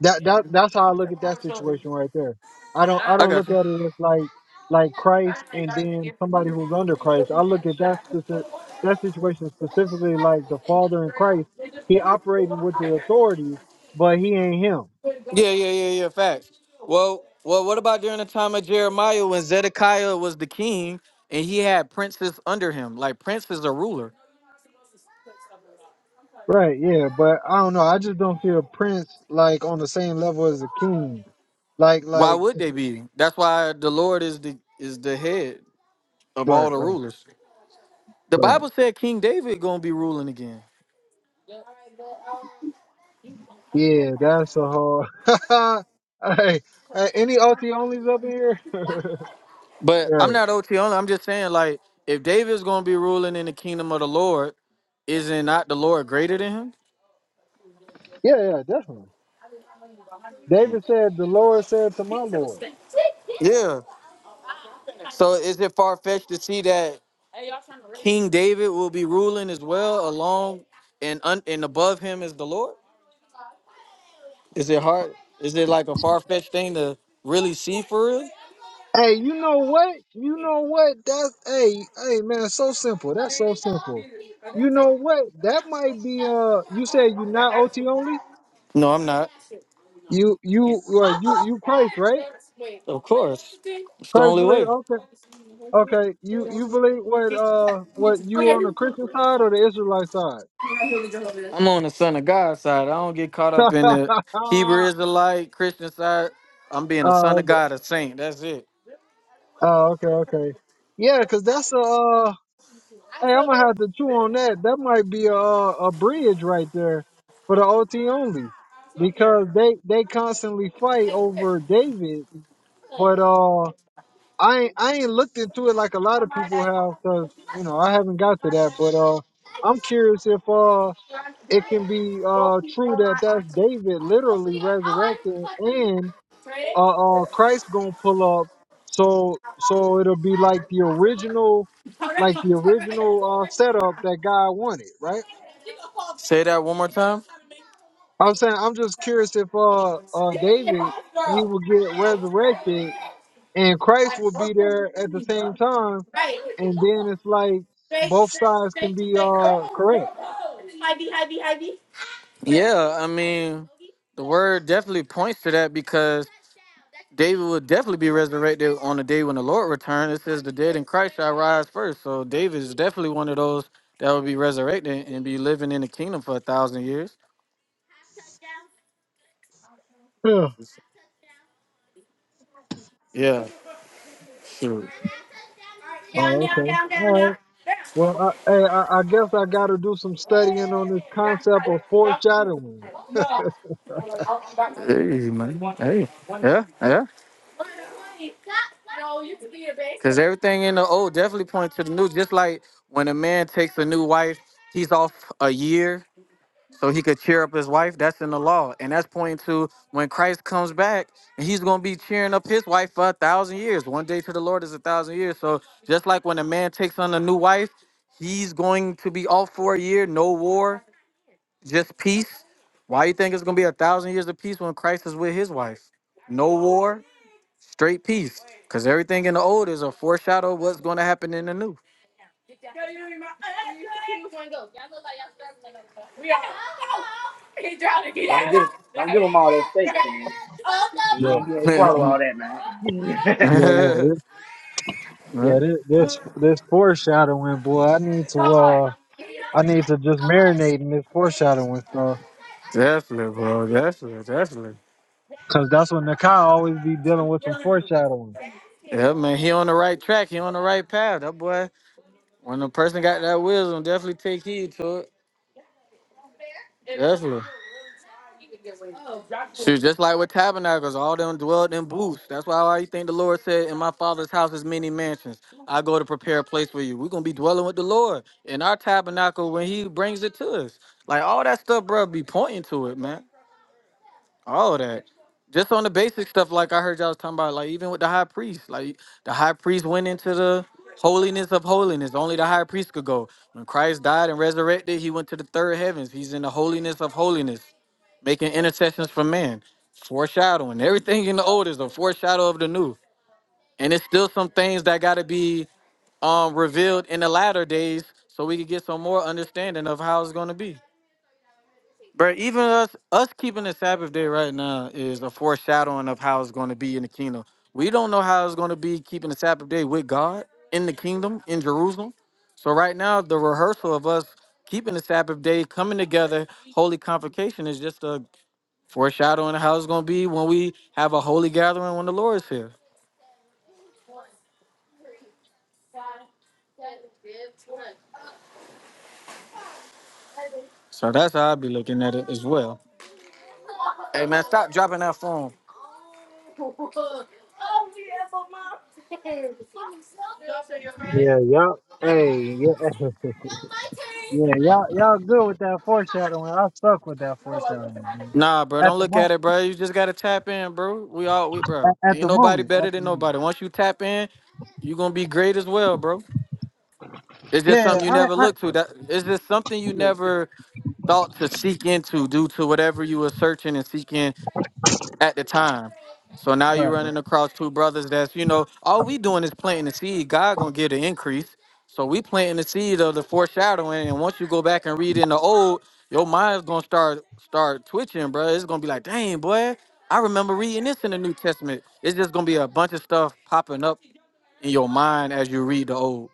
Speaker 1: That that that's how I look at that situation right there. I don't I
Speaker 3: I
Speaker 1: don't
Speaker 3: got
Speaker 1: look
Speaker 3: you.
Speaker 1: at it as like like Christ and then somebody who's under Christ. I look at that specific that situation specifically like the Father in Christ. He operating with the authority, but he ain't him.
Speaker 3: Yeah, yeah, yeah, yeah. Facts. Well, well, what about during the time of Jeremiah when Zedekiah was the king and he had princes under him? Like prince is a ruler.
Speaker 1: Right, yeah, but I don't know. I just don't see a prince like on the same level as a king. Like
Speaker 3: Why
Speaker 1: like
Speaker 3: would they be? That's why the Lord is the is the head of all
Speaker 1: right,
Speaker 3: the
Speaker 1: right,
Speaker 3: rulers. The
Speaker 1: right.
Speaker 3: Bible said King David gonna be ruling again.
Speaker 1: Yeah, that's a whole hey, hey, any OT onlys up in here?
Speaker 3: But I'm
Speaker 1: right.
Speaker 3: not OT only. I'm just saying, like, if David's gonna be ruling in the kingdom of the Lord, isn't not the Lord greater than him?
Speaker 1: Yeah, yeah, definitely. David said, "The Lord said to my Lord."
Speaker 3: Yeah. So is it far fetched to see that King David will be ruling as well, along and un, and above him is the Lord? Is it hard? Is it like a far fetched thing to really see for real?
Speaker 1: Hey, you know what? You know what? That's hey, hey, man. So simple. That's so simple. You know what? That might be. Uh, you said you not OT only.
Speaker 3: No, I'm not.
Speaker 1: You you uh, you you Christ, right?
Speaker 3: Of course. It's the
Speaker 1: Christ
Speaker 3: only
Speaker 1: believe.
Speaker 3: way.
Speaker 1: Okay, okay. You you believe what? Uh, what you on the Christian side or the Israelite side?
Speaker 3: I'm on the son of God side. I don't get caught up in the Hebrew
Speaker 1: oh,
Speaker 3: Israelite, Christian side. I'm being a son of
Speaker 1: okay.
Speaker 3: God, a saint. That's it.
Speaker 1: oh, okay, okay. Yeah, cause that's a. Uh, Hey, I'm gonna have to chew on that. That might be a a bridge right there for the OT only because they they constantly fight over David. But uh, I ain't, I ain't looked into it like a lot of people have because you know I haven't got to that. But uh, I'm curious if uh it can be uh true that that's David literally resurrected and uh, uh Christ gonna pull up. So so it'll be like the original, like the original uh setup that God wanted, right?
Speaker 3: Say that one more time.
Speaker 1: I'm saying I'm just curious if uh uh David he will get resurrected and Christ will be there at the same time, and then it's like both sides can be uh correct.
Speaker 3: Yeah, I mean, the word definitely points to that because David will definitely be resurrected on the day when the Lord returns. It says the dead in Christ shall rise first. So David is definitely one of those that will be resurrected and be living in the kingdom for a thousand years.
Speaker 1: Yeah.
Speaker 3: Yeah, sure.
Speaker 1: Oh, okay. All right. Well, I, hey, I, I guess I got to do some studying on this concept of foreshadowing.
Speaker 3: Hey, man. Hey. Yeah, yeah. Cause everything in the old definitely points to the new. Just like when a man takes a new wife, he's off a year so he could cheer up his wife. That's in the law, and that's pointing to when Christ comes back, and he's gonna be cheering up his wife for a thousand years. One day to the Lord is a thousand years. So just like when a man takes on a new wife, he's going to be off for a year, no war, just peace. Why you think it's gonna be a thousand years of peace when Christ is with his wife? No war, Straight peace. Because everything in the old is a foreshadow of what's going to happen in the new.
Speaker 2: Don't give don't give them all that steak, man. You ain't
Speaker 1: Yeah,
Speaker 2: gonna be able to swallow all that, man.
Speaker 1: yeah, yeah. Yeah,
Speaker 3: Right?
Speaker 1: this this, this foreshadowing, boy. I need to uh, I need to just marinate in this foreshadowing stuff,
Speaker 3: definitely, bro. Definitely, definitely.
Speaker 1: cause that's when Nakai always be dealing with some foreshadowing.
Speaker 3: Yeah, man, he on the right track. He on the right path. That boy, when a person got that wisdom, definitely take heed to it. Definitely. Shoot, just like with tabernacles, all them dwelled in booths. That's why I think the Lord said, "In my Father's house is many mansions. I go to prepare a place for you." We're gonna be dwelling with the Lord in our tabernacle when He brings it to us. Like all that stuff, bro, be pointing to it, man. All of that, just on the basic stuff. Like I heard y'all was talking about, like even with the high priest, like the high priest went into the holiness of holiness. Only the high priest could go. When Christ died and resurrected, He went to the third heavens. He's in the holiness of holiness making intercessions for men, foreshadowing. Everything in the old is a foreshadow of the new. And it's still some things that got to be um, revealed in the latter days so we can get some more understanding of how it's going to be. Bro, even us us keeping the Sabbath day right now is a foreshadowing of how it's going to be in the kingdom. We don't know how it's going to be keeping the Sabbath day with God in the kingdom in Jerusalem. So right now, the rehearsal of us keeping the Sabbath day, coming together, holy convocation is just a Foreshadowing how it's gonna be when we have a holy gathering when the Lord is here. So that's how I be looking at it as well. Hey man, stop dropping that phone.
Speaker 1: Yeah, y'all. Hey, yeah, yeah, y'all, y'all good with that foreshadowing. I suck with that foreshadowing, man.
Speaker 3: Nah, bro, don't
Speaker 1: At the
Speaker 3: look at
Speaker 1: moment,
Speaker 3: it, bro. You just gotta tap in, bro. We all we bro.
Speaker 1: at, at
Speaker 3: Ain't
Speaker 1: the
Speaker 3: nobody
Speaker 1: moment,
Speaker 3: better
Speaker 1: at the
Speaker 3: than
Speaker 1: moment.
Speaker 3: nobody. Once you tap in, you gonna be great as well, bro. It's just
Speaker 1: Yeah,
Speaker 3: something you never
Speaker 1: I, I,
Speaker 3: look to. That it's just something you
Speaker 1: yeah,
Speaker 3: never thought to seek into due to whatever you were searching and seeking at the time. So now you're
Speaker 1: right, right.
Speaker 3: running across two brothers that's, you know, all we doing is planting the seed. God gonna give the increase. So we planting the seed of the foreshadowing. And once you go back and read in the old, your mind's gonna start start twitching, bro. It's gonna be like, dang, boy, I remember reading this in the New Testament. It's just gonna be a bunch of stuff popping up in your mind as you read the old.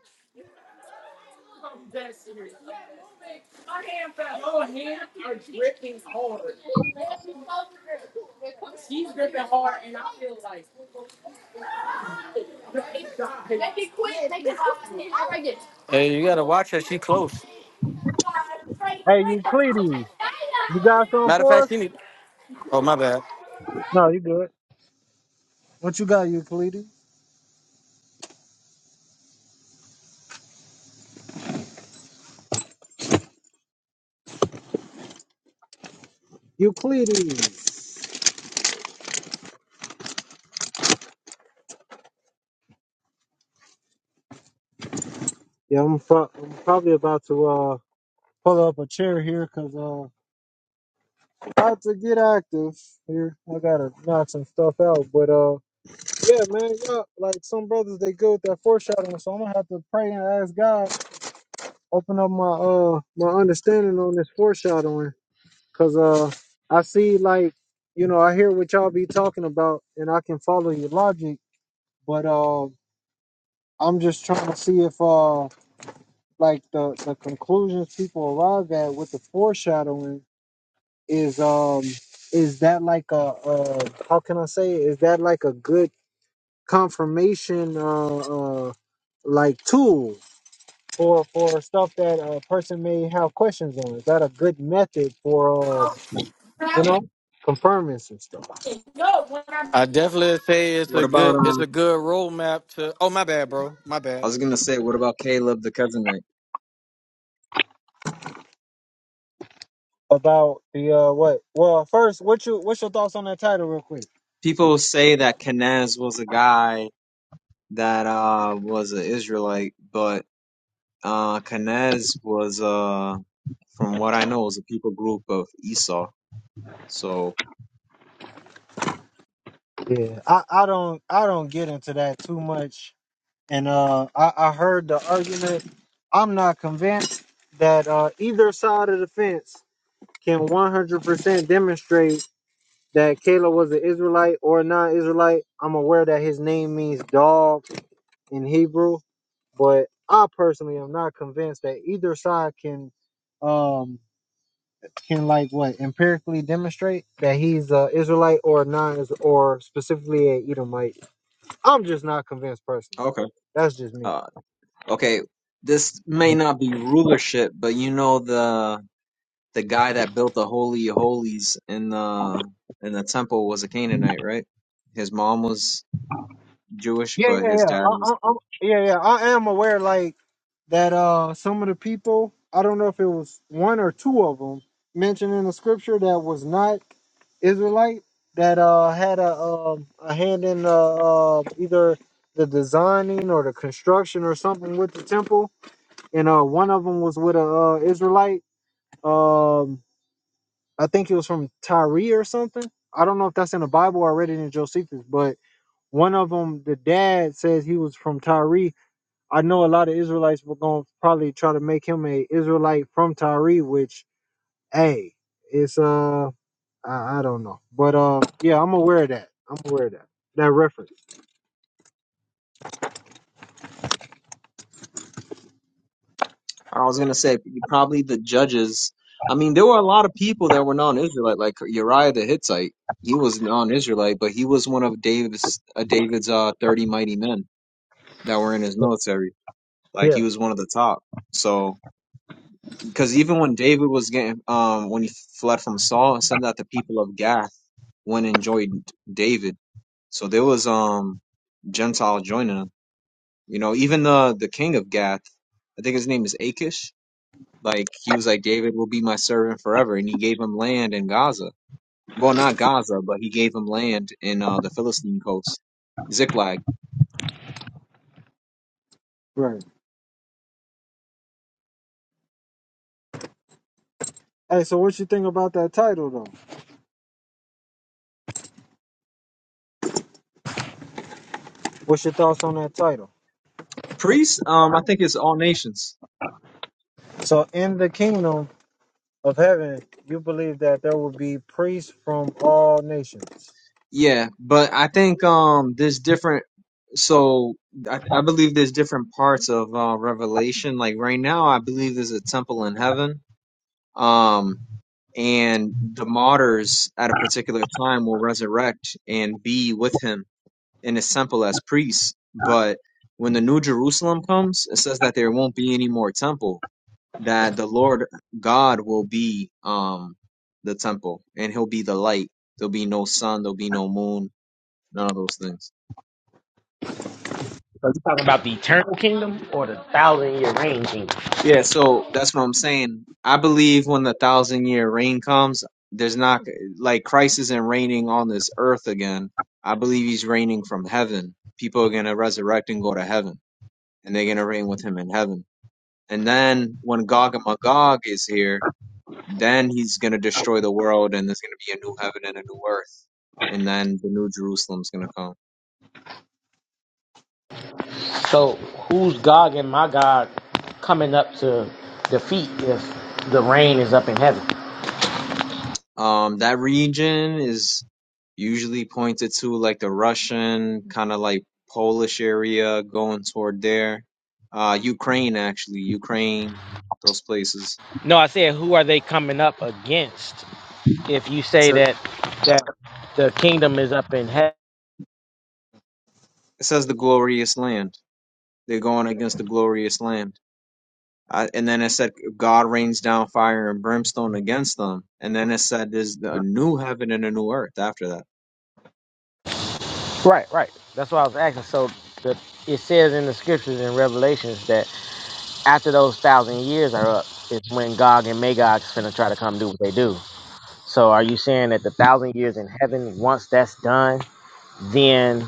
Speaker 3: Hey, you gotta watch her. She close.
Speaker 1: Hey, Euclides, you got something
Speaker 3: Matter of
Speaker 1: for
Speaker 3: fact,
Speaker 1: us?
Speaker 3: she need. Oh my bad.
Speaker 1: No, you good. What you got, Euclides? Euclides. Yeah, I'm, pro- I'm probably about to uh pull up a chair here 'cause uh about to get active here. I gotta knock some stuff out, but uh yeah, man, yeah, like some brothers they good with that foreshadowing, so I'm gonna have to pray and ask God open up my uh my understanding on this foreshadowing 'cause uh I see like you know I hear what y'all be talking about and I can follow your logic, but uh I'm just trying to see if uh like the the conclusions people arrive at with the foreshadowing is um is that like a uh how can I say it? is that like a good confirmation uh, uh like tool for for stuff that a person may have questions on? Is that a good method for uh, you know confirming some stuff
Speaker 3: I definitely say it's a
Speaker 4: What about
Speaker 3: good it's a
Speaker 4: um?
Speaker 3: good roadmap to. Oh my bad, bro. My
Speaker 4: I
Speaker 3: bad.
Speaker 4: was gonna say, what about Caleb the cousin? Right?
Speaker 1: about the uh what? Well, first, what you what's your thoughts on that title, real quick?
Speaker 4: People say that Kenaz was a guy that uh was an Israelite, but uh Kenaz was uh from what I know was a people group of Esau. So
Speaker 1: Yeah, I I don't I don't get into that too much and uh, I, I heard the argument. I'm not convinced that uh, either side of the fence can 100% demonstrate that Caleb was an Israelite or a non-Israelite. I'm aware that his name means dog in Hebrew, but I personally am not convinced that either side can um can like what empirically demonstrate that he's a Israelite or a non or specifically a Edomite. I'm just not convinced personally.
Speaker 4: okay,
Speaker 1: That's just me.
Speaker 4: uh, okay, this may not be rulership, but you know the the guy that built the holy of holies in the in the temple was a Canaanite, right? His mom was Jewish,
Speaker 1: Yeah,
Speaker 4: but
Speaker 1: yeah,
Speaker 4: his
Speaker 1: yeah.
Speaker 4: dad
Speaker 1: I,
Speaker 4: was
Speaker 1: I,
Speaker 4: a
Speaker 1: I'm, yeah, yeah. I am aware, like that. Uh, some of the people, I don't know if it was one or two of them mentioned in the scripture that was not Israelite that uh had a um a hand in uh, uh either the designing or the construction or something with the temple, and uh one of them was with a uh, Israelite. Um, I think it was from Tyre or something. I don't know if that's in the Bible. I read it in Josephus, but one of them, the dad says he was from Tyre. I know a lot of Israelites were going to probably try to make him a Israelite from Tyre, which, hey, it's uh, I, I don't know, but uh, yeah, I'm aware of that. I'm aware of that. That reference.
Speaker 4: I was gonna say probably the judges. I mean, there were a lot of people that were non-Israelite, like Uriah the Hittite. He was non-Israelite, but he was one of David's uh, David's uh, thirty mighty men that were in his military. Like
Speaker 1: Yeah.
Speaker 4: he was one of the top. So, because even when David was getting, um, when he fled from Saul, it said that the people of Gath went and joined David. So there was um Gentile joining him. You know, even the the king of Gath, I think his name is Achish Like he was like, David will be my servant forever, and he gave him land in Gaza. Well, not Gaza, but he gave him land in uh, the Philistine coast, Ziklag.
Speaker 1: Right. Hey, so what you think about that title though? What's your thoughts on that title?
Speaker 4: Priests, um, I think it's all nations.
Speaker 1: So in the kingdom of heaven, you believe that there will be priests from all nations.
Speaker 4: Yeah, but I think um, there's different. So I, I believe there's different parts of uh, Revelation. Like right now, I believe there's a temple in heaven. Um, and the martyrs at a particular time will resurrect and be with him and as simple as priests. But when the New Jerusalem comes, it says that there won't be any more temple, that the Lord God will be um the temple and he'll be the light. There'll be no sun, there'll be no moon, none of those things.
Speaker 2: So you talking about the eternal kingdom or the thousand year reign kingdom?
Speaker 4: Yeah, so that's what I'm saying. I believe when the thousand year reign comes, there's not like Christ isn't reigning on this earth again. I believe he's reigning from heaven. People are gonna resurrect and go to heaven, and they're gonna reign with him in heaven. And then when Gog and Magog is here, then he's going to destroy the world and there's going to be a new heaven and a new earth. And then the new Jerusalem's going to come.
Speaker 2: So who's Gog and Magog coming up to defeat if the reign is up in heaven?
Speaker 4: Um, that region is usually pointed to like the Russian, kind of like Polish area going toward there. Uh, Ukraine, actually, Ukraine, those places.
Speaker 2: No, I said who are they coming up against? If you say
Speaker 4: So
Speaker 2: that that the kingdom is up in heaven,
Speaker 4: it says the glorious land. They're going against the glorious land. I, and then it said God rains down fire and brimstone against them. And then it said there's a new heaven and a new earth after that.
Speaker 2: right, right. That's what I was asking. So the, it says in the scriptures in Revelations that after those thousand years are up, it's when Gog and Magog is gonna try to come do what they do. So are you saying that the thousand years in heaven, once that's done, then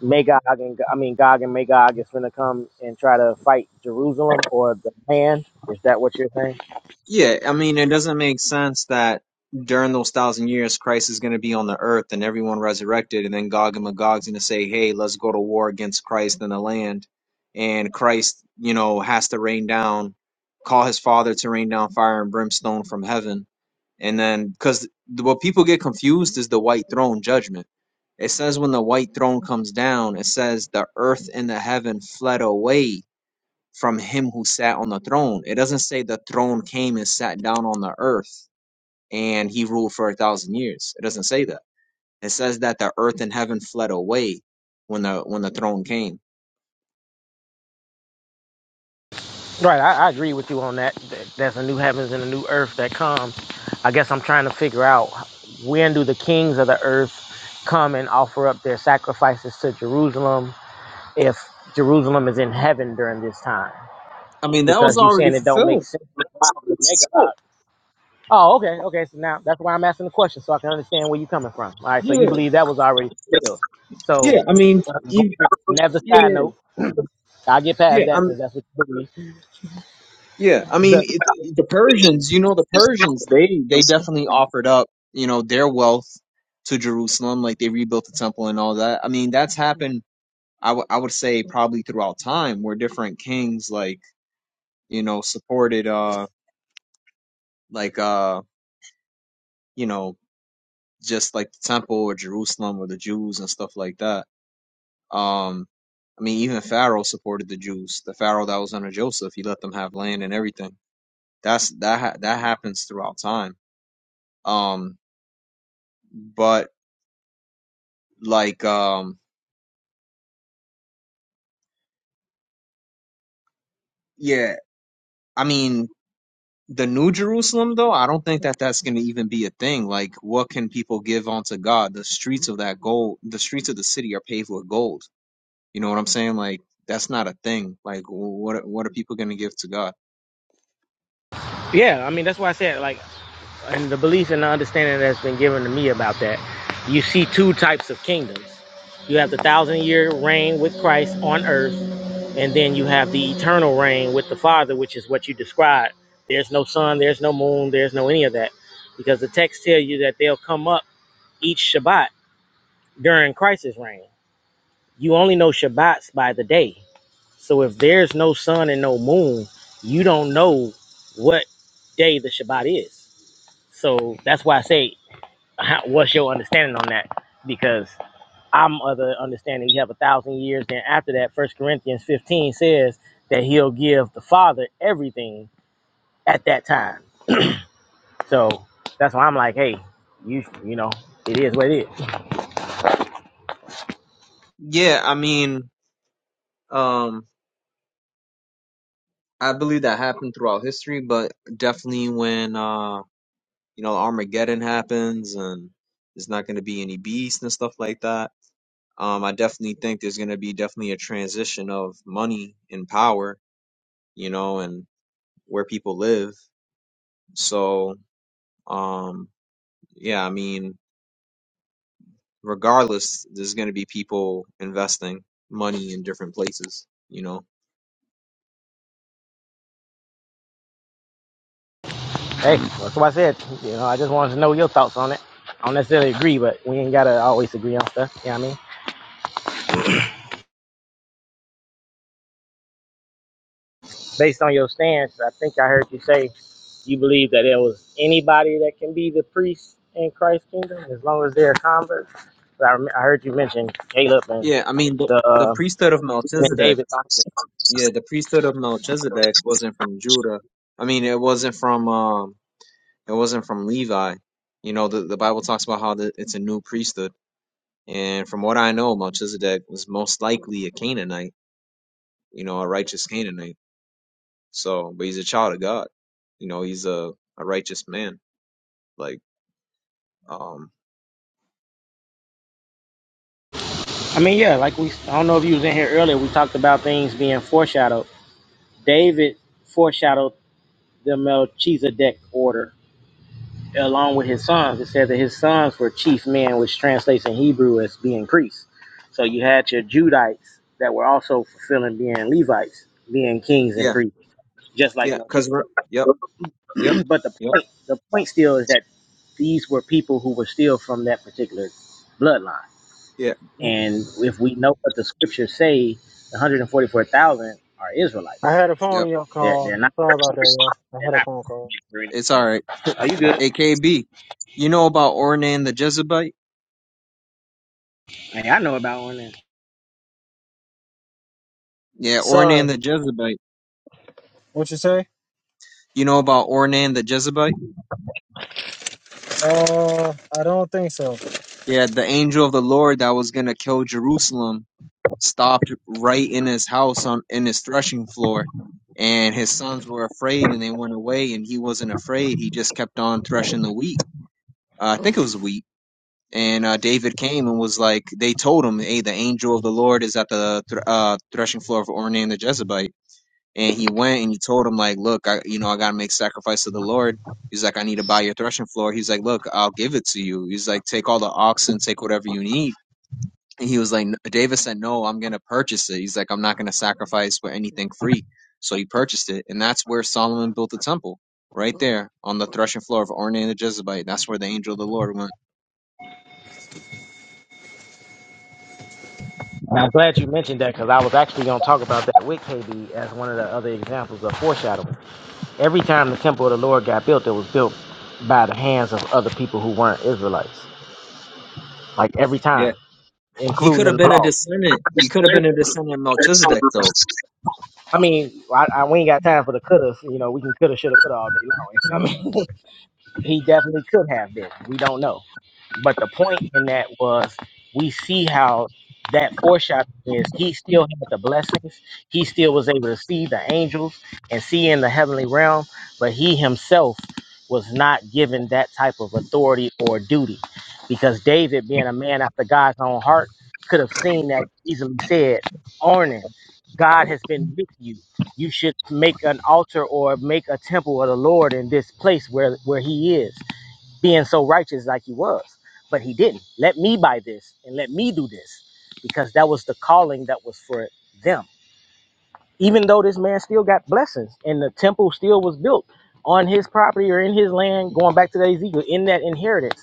Speaker 2: Magog and I mean Gog and Magog is going to come and try to fight Jerusalem or the land? Is that what you're saying?
Speaker 4: Yeah, I mean, it doesn't make sense that during those thousand years, Christ is going to be on the earth and everyone resurrected, and then Gog and Magog's going to say, hey, let's go to war against Christ and the land. And Christ, you know, has to rain down, call his father to rain down fire and brimstone from heaven And then, because what people get confused is the white throne judgment. It says when the white throne comes down, it says the earth and the heaven fled away from him who sat on the throne. It doesn't say the throne came and sat down on the earth and he ruled for a thousand years. It doesn't say that. It says that the earth and heaven fled away when the when the throne came.
Speaker 2: Right, I, I agree with you on that. That- There's a new heavens and a new earth that comes. I guess I'm trying to figure out when do the kings of the earth come and offer up their sacrifices to Jerusalem if Jerusalem is in heaven during this time?
Speaker 4: I mean, that
Speaker 2: Because you're
Speaker 4: already
Speaker 2: saying it don't make
Speaker 4: fulfilled.
Speaker 2: sense. Oh, okay, okay. So now that's why I'm asking the question, so I can understand where you're coming from. All right, so
Speaker 4: Yeah,
Speaker 2: you believe that was already fulfilled.
Speaker 4: yeah.
Speaker 2: So,
Speaker 4: I mean,
Speaker 2: uh, going
Speaker 4: even,
Speaker 2: on side
Speaker 4: yeah,
Speaker 2: note, I'll get past
Speaker 4: yeah. I
Speaker 2: that since that's what you believe.
Speaker 4: Yeah, I mean
Speaker 2: The
Speaker 4: it, the Persians. You know, the Persians they they definitely offered up you know their wealth to Jerusalem, like they rebuilt the temple and all that. I mean, that's happened. I would I would say probably throughout time, where different kings like you know supported uh like uh you know just like the temple or Jerusalem or the Jews and stuff like that. Um, I mean, even Pharaoh supported the Jews. The Pharaoh that was under Joseph, he let them have land and everything. That's that ha- that happens throughout time. Um, but like um yeah i mean the new jerusalem though i don't think that that's going to even be a thing like what can people give unto god the streets of that gold the streets of the city are paved with gold you know what i'm saying like that's not a thing like wh- what what are people going to give to god
Speaker 2: yeah, I mean that's why I said like And the belief and the understanding that's been given to me about that, you see two types of kingdoms. You have the thousand year reign with Christ on earth, and then you have the eternal reign with the Father, which is what you described. There's no sun, there's no moon, there's no any of that, because the text tell you that they'll come up each Shabbat during Christ's reign. You only know Shabbats by the day. So if there's no sun and no moon, you don't know what day the Shabbat is. So that's why I say how, what's your understanding on that? Because I'm of the understanding you have a thousand years. Then after that, First Corinthians 15 says that he'll give the Father everything at that time. So that's why I'm like, hey, you you know, it is what it is.
Speaker 4: yeah i mean um i believe that happened throughout history but definitely when uh you know armageddon happens and there's not going to be any beasts and stuff like that um, I definitely think there's going to be definitely a transition of money and power, you know, and where people live. So, um, yeah, I mean, regardless, there's going to be people investing money in different places, you know.
Speaker 2: Hey, that's what I said. You know, I just wanted to know your thoughts on it. I don't necessarily agree, but we ain't gotta always agree on stuff. You know what I mean? Based on your stance, I think I heard you say you believe that there was anybody that can be the priest in Christ's kingdom as long as they're a convert. I, rem- I heard you mention Caleb and
Speaker 4: Yeah, I mean, the,
Speaker 2: the
Speaker 4: the
Speaker 2: uh,
Speaker 4: priesthood of
Speaker 2: and
Speaker 4: Melchizedek,
Speaker 2: David.
Speaker 4: yeah, the priesthood of Melchizedek wasn't from Judah. I mean, it wasn't from, um, it wasn't from Levi. You know, the, the Bible talks about how the, it's a new priesthood And from what I know, Melchizedek was most likely a Canaanite, you know, a righteous Canaanite. So, but he's a child of God. You know, he's a, a righteous man. Like, um,
Speaker 2: I mean, yeah, like we I don't know if you was in here earlier. We talked about things being foreshadowed. David foreshadowed the Melchizedek order along with his sons. It said that his sons were chief men, which translates in Hebrew as being priests. So you had your Judites that were also fulfilling being Levites, being kings and
Speaker 4: yeah,
Speaker 2: priests, just like
Speaker 4: yeah, cause we're,
Speaker 2: Melchizedek.
Speaker 4: yep, yep,
Speaker 2: but the
Speaker 4: yep,
Speaker 2: point, the point still is that These were people who were still from that particular bloodline.
Speaker 4: yeah, mm,
Speaker 2: And if we know what the scriptures say, the 144,000 are
Speaker 1: I
Speaker 2: Israelites.
Speaker 1: had a
Speaker 4: yep.
Speaker 1: phone y'all
Speaker 2: They're, they're
Speaker 1: call.
Speaker 2: not.
Speaker 1: Sorry about that, y'all. I
Speaker 2: They're
Speaker 1: had a
Speaker 2: not.
Speaker 1: phone call.
Speaker 4: It's all right.
Speaker 2: Are you good?
Speaker 4: AKB, you know about Ornan the Jezebite?
Speaker 2: Hey, I know about one. then.
Speaker 4: Yeah,
Speaker 1: Sorry.
Speaker 4: Ornan the Jezebite.
Speaker 1: What you say?
Speaker 4: You know about Ornan the Jezebite?
Speaker 1: Uh, I don't think so.
Speaker 4: Yeah, the angel of the Lord that was gonna kill Jerusalem stopped right in his house on in his threshing floor and his sons were afraid and they went away and he wasn't afraid he just kept on threshing the wheat uh, i think it was wheat and uh, david came and was like they told him hey the angel of the lord is at the thr uh, threshing floor of ornan the jezebite and he went and he told him like look i you know i gotta make sacrifice to the lord he's like i need to buy your threshing floor he's like look i'll give it to you he's like take all the oxen take whatever you need and he was like, "No," David said, no, I'm going to purchase it. He's like, I'm not going to sacrifice for anything free. So he purchased it. And that's where Solomon built the temple, right there on the threshing floor of Ornan and the Jezebite. That's where the angel of the Lord went.
Speaker 2: I'm glad you mentioned that because I was actually going to talk about that with KB as one of the other examples of foreshadowing. Every time the temple of the Lord got built, it was built by the hands of other people who weren't Israelites. Like every
Speaker 4: Yeah.
Speaker 2: time,
Speaker 4: He
Speaker 2: including
Speaker 4: could have
Speaker 2: in the
Speaker 4: been a
Speaker 2: law.
Speaker 4: descendant. He could have been a descendant of Melchizedek, though.
Speaker 2: I mean, I, I, we ain't got time for the coulda. You know, we can coulda, shoulda, coulda all day long. I mean, he definitely could have been. We don't know. But the point in that was we see how that foreshadowing is he still had the blessings. He still was able to see the angels and see in the heavenly realm, but he himself was not given that type of authority or duty because David, being a man after God's own heart, could have seen that easily said, Arnon, God has been with you. You should make an altar or make a temple of the Lord in this place where, where he is being so righteous like he was. But he didn't. Let me buy this and let me do this because that was the calling that was for them. Even though this man still got blessings and the temple still was built on his property or in his land, going back to the Ezekiel, in that inheritance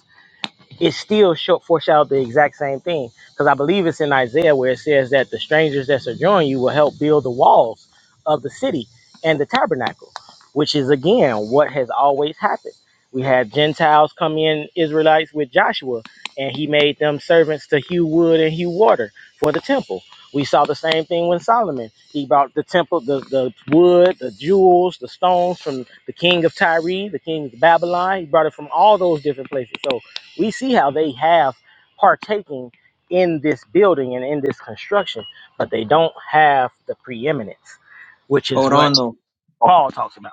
Speaker 2: it still show, foreshadowed the exact same thing because I believe it's in Isaiah where it says that the strangers that sojourn you will help build the walls of the city and the tabernacle, which is again what has always happened. We had Gentiles come in, Israelites with Joshua, and he made them servants to hew wood and hew water for the temple. We saw the same thing with Solomon. He brought the temple, the, the wood, the jewels, the stones from the king of Tyre, the king of Babylon. He brought it from all those different places. So we see how they have partaking in this building and in this construction, but they don't have the preeminence, which is
Speaker 4: Hold
Speaker 2: what
Speaker 4: on, though.
Speaker 2: Paul talks about.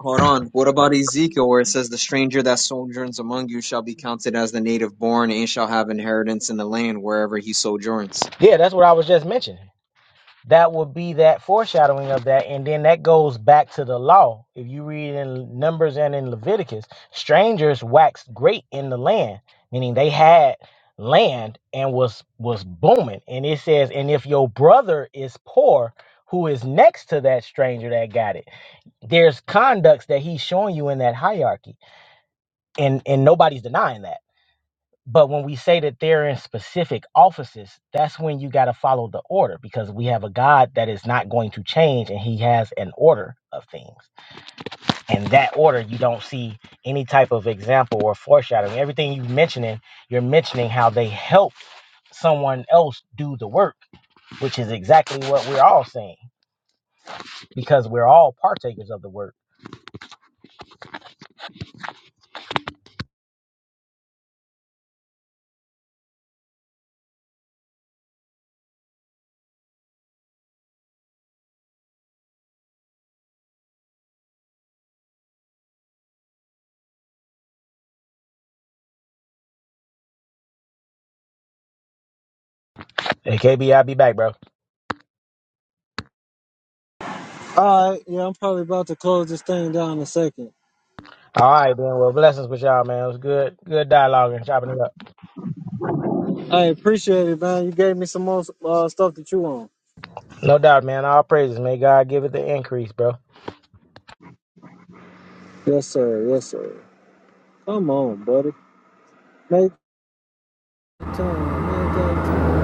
Speaker 4: Hold on. What about Ezekiel, where it says, The stranger that sojourns among you shall be counted as the native born and shall have inheritance in the land wherever he sojourns?
Speaker 2: Yeah, that's what I was just mentioning. That would be that foreshadowing of that, and then that goes back to the law. If you read in Numbers and in Leviticus, strangers waxed great in the land, meaning they had land and was was booming. And it says, and if your brother is poor, who is next to that stranger that got it? there's conducts that he's showing you in that hierarchy and and nobody's denying that but when we say that they're in specific offices that's when you got to follow the order because we have a god that is not going to change and he has an order of things and that order you don't see any type of example or foreshadowing everything you're mentioning you're mentioning how they help someone else do the work which is exactly what we're all saying because we're all partakers of the work hey kb i'll be back bro
Speaker 1: All right, yeah, I'm probably about to close this thing down in a second.
Speaker 2: All right, then. Well, blessings with y'all, man. It was good, good dialogue and chopping it up.
Speaker 1: I appreciate it, man. You gave me some more uh, stuff that you want.
Speaker 2: No doubt, man. All praises. May God give it the increase, bro.
Speaker 1: Yes, sir. Yes, sir. Come on, buddy. Make time. Make time.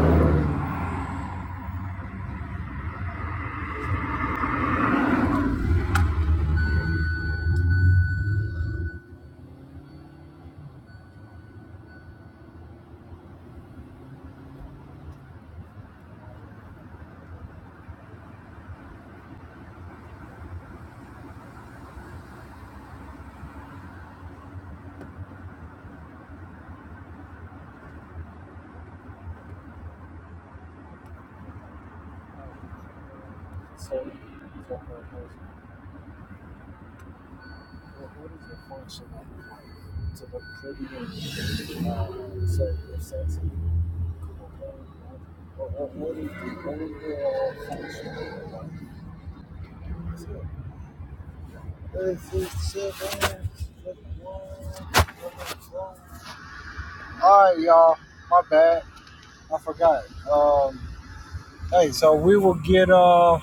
Speaker 1: So, what is the function to the pretty uh, circular sex what is the what is this alright you All right, y'all. My bad. I forgot. Um, hey, so we will get. Uh,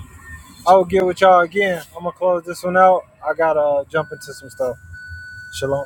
Speaker 1: I will get with y'all again. I'm gonna close this one out. I gotta jump into some stuff. Shalom.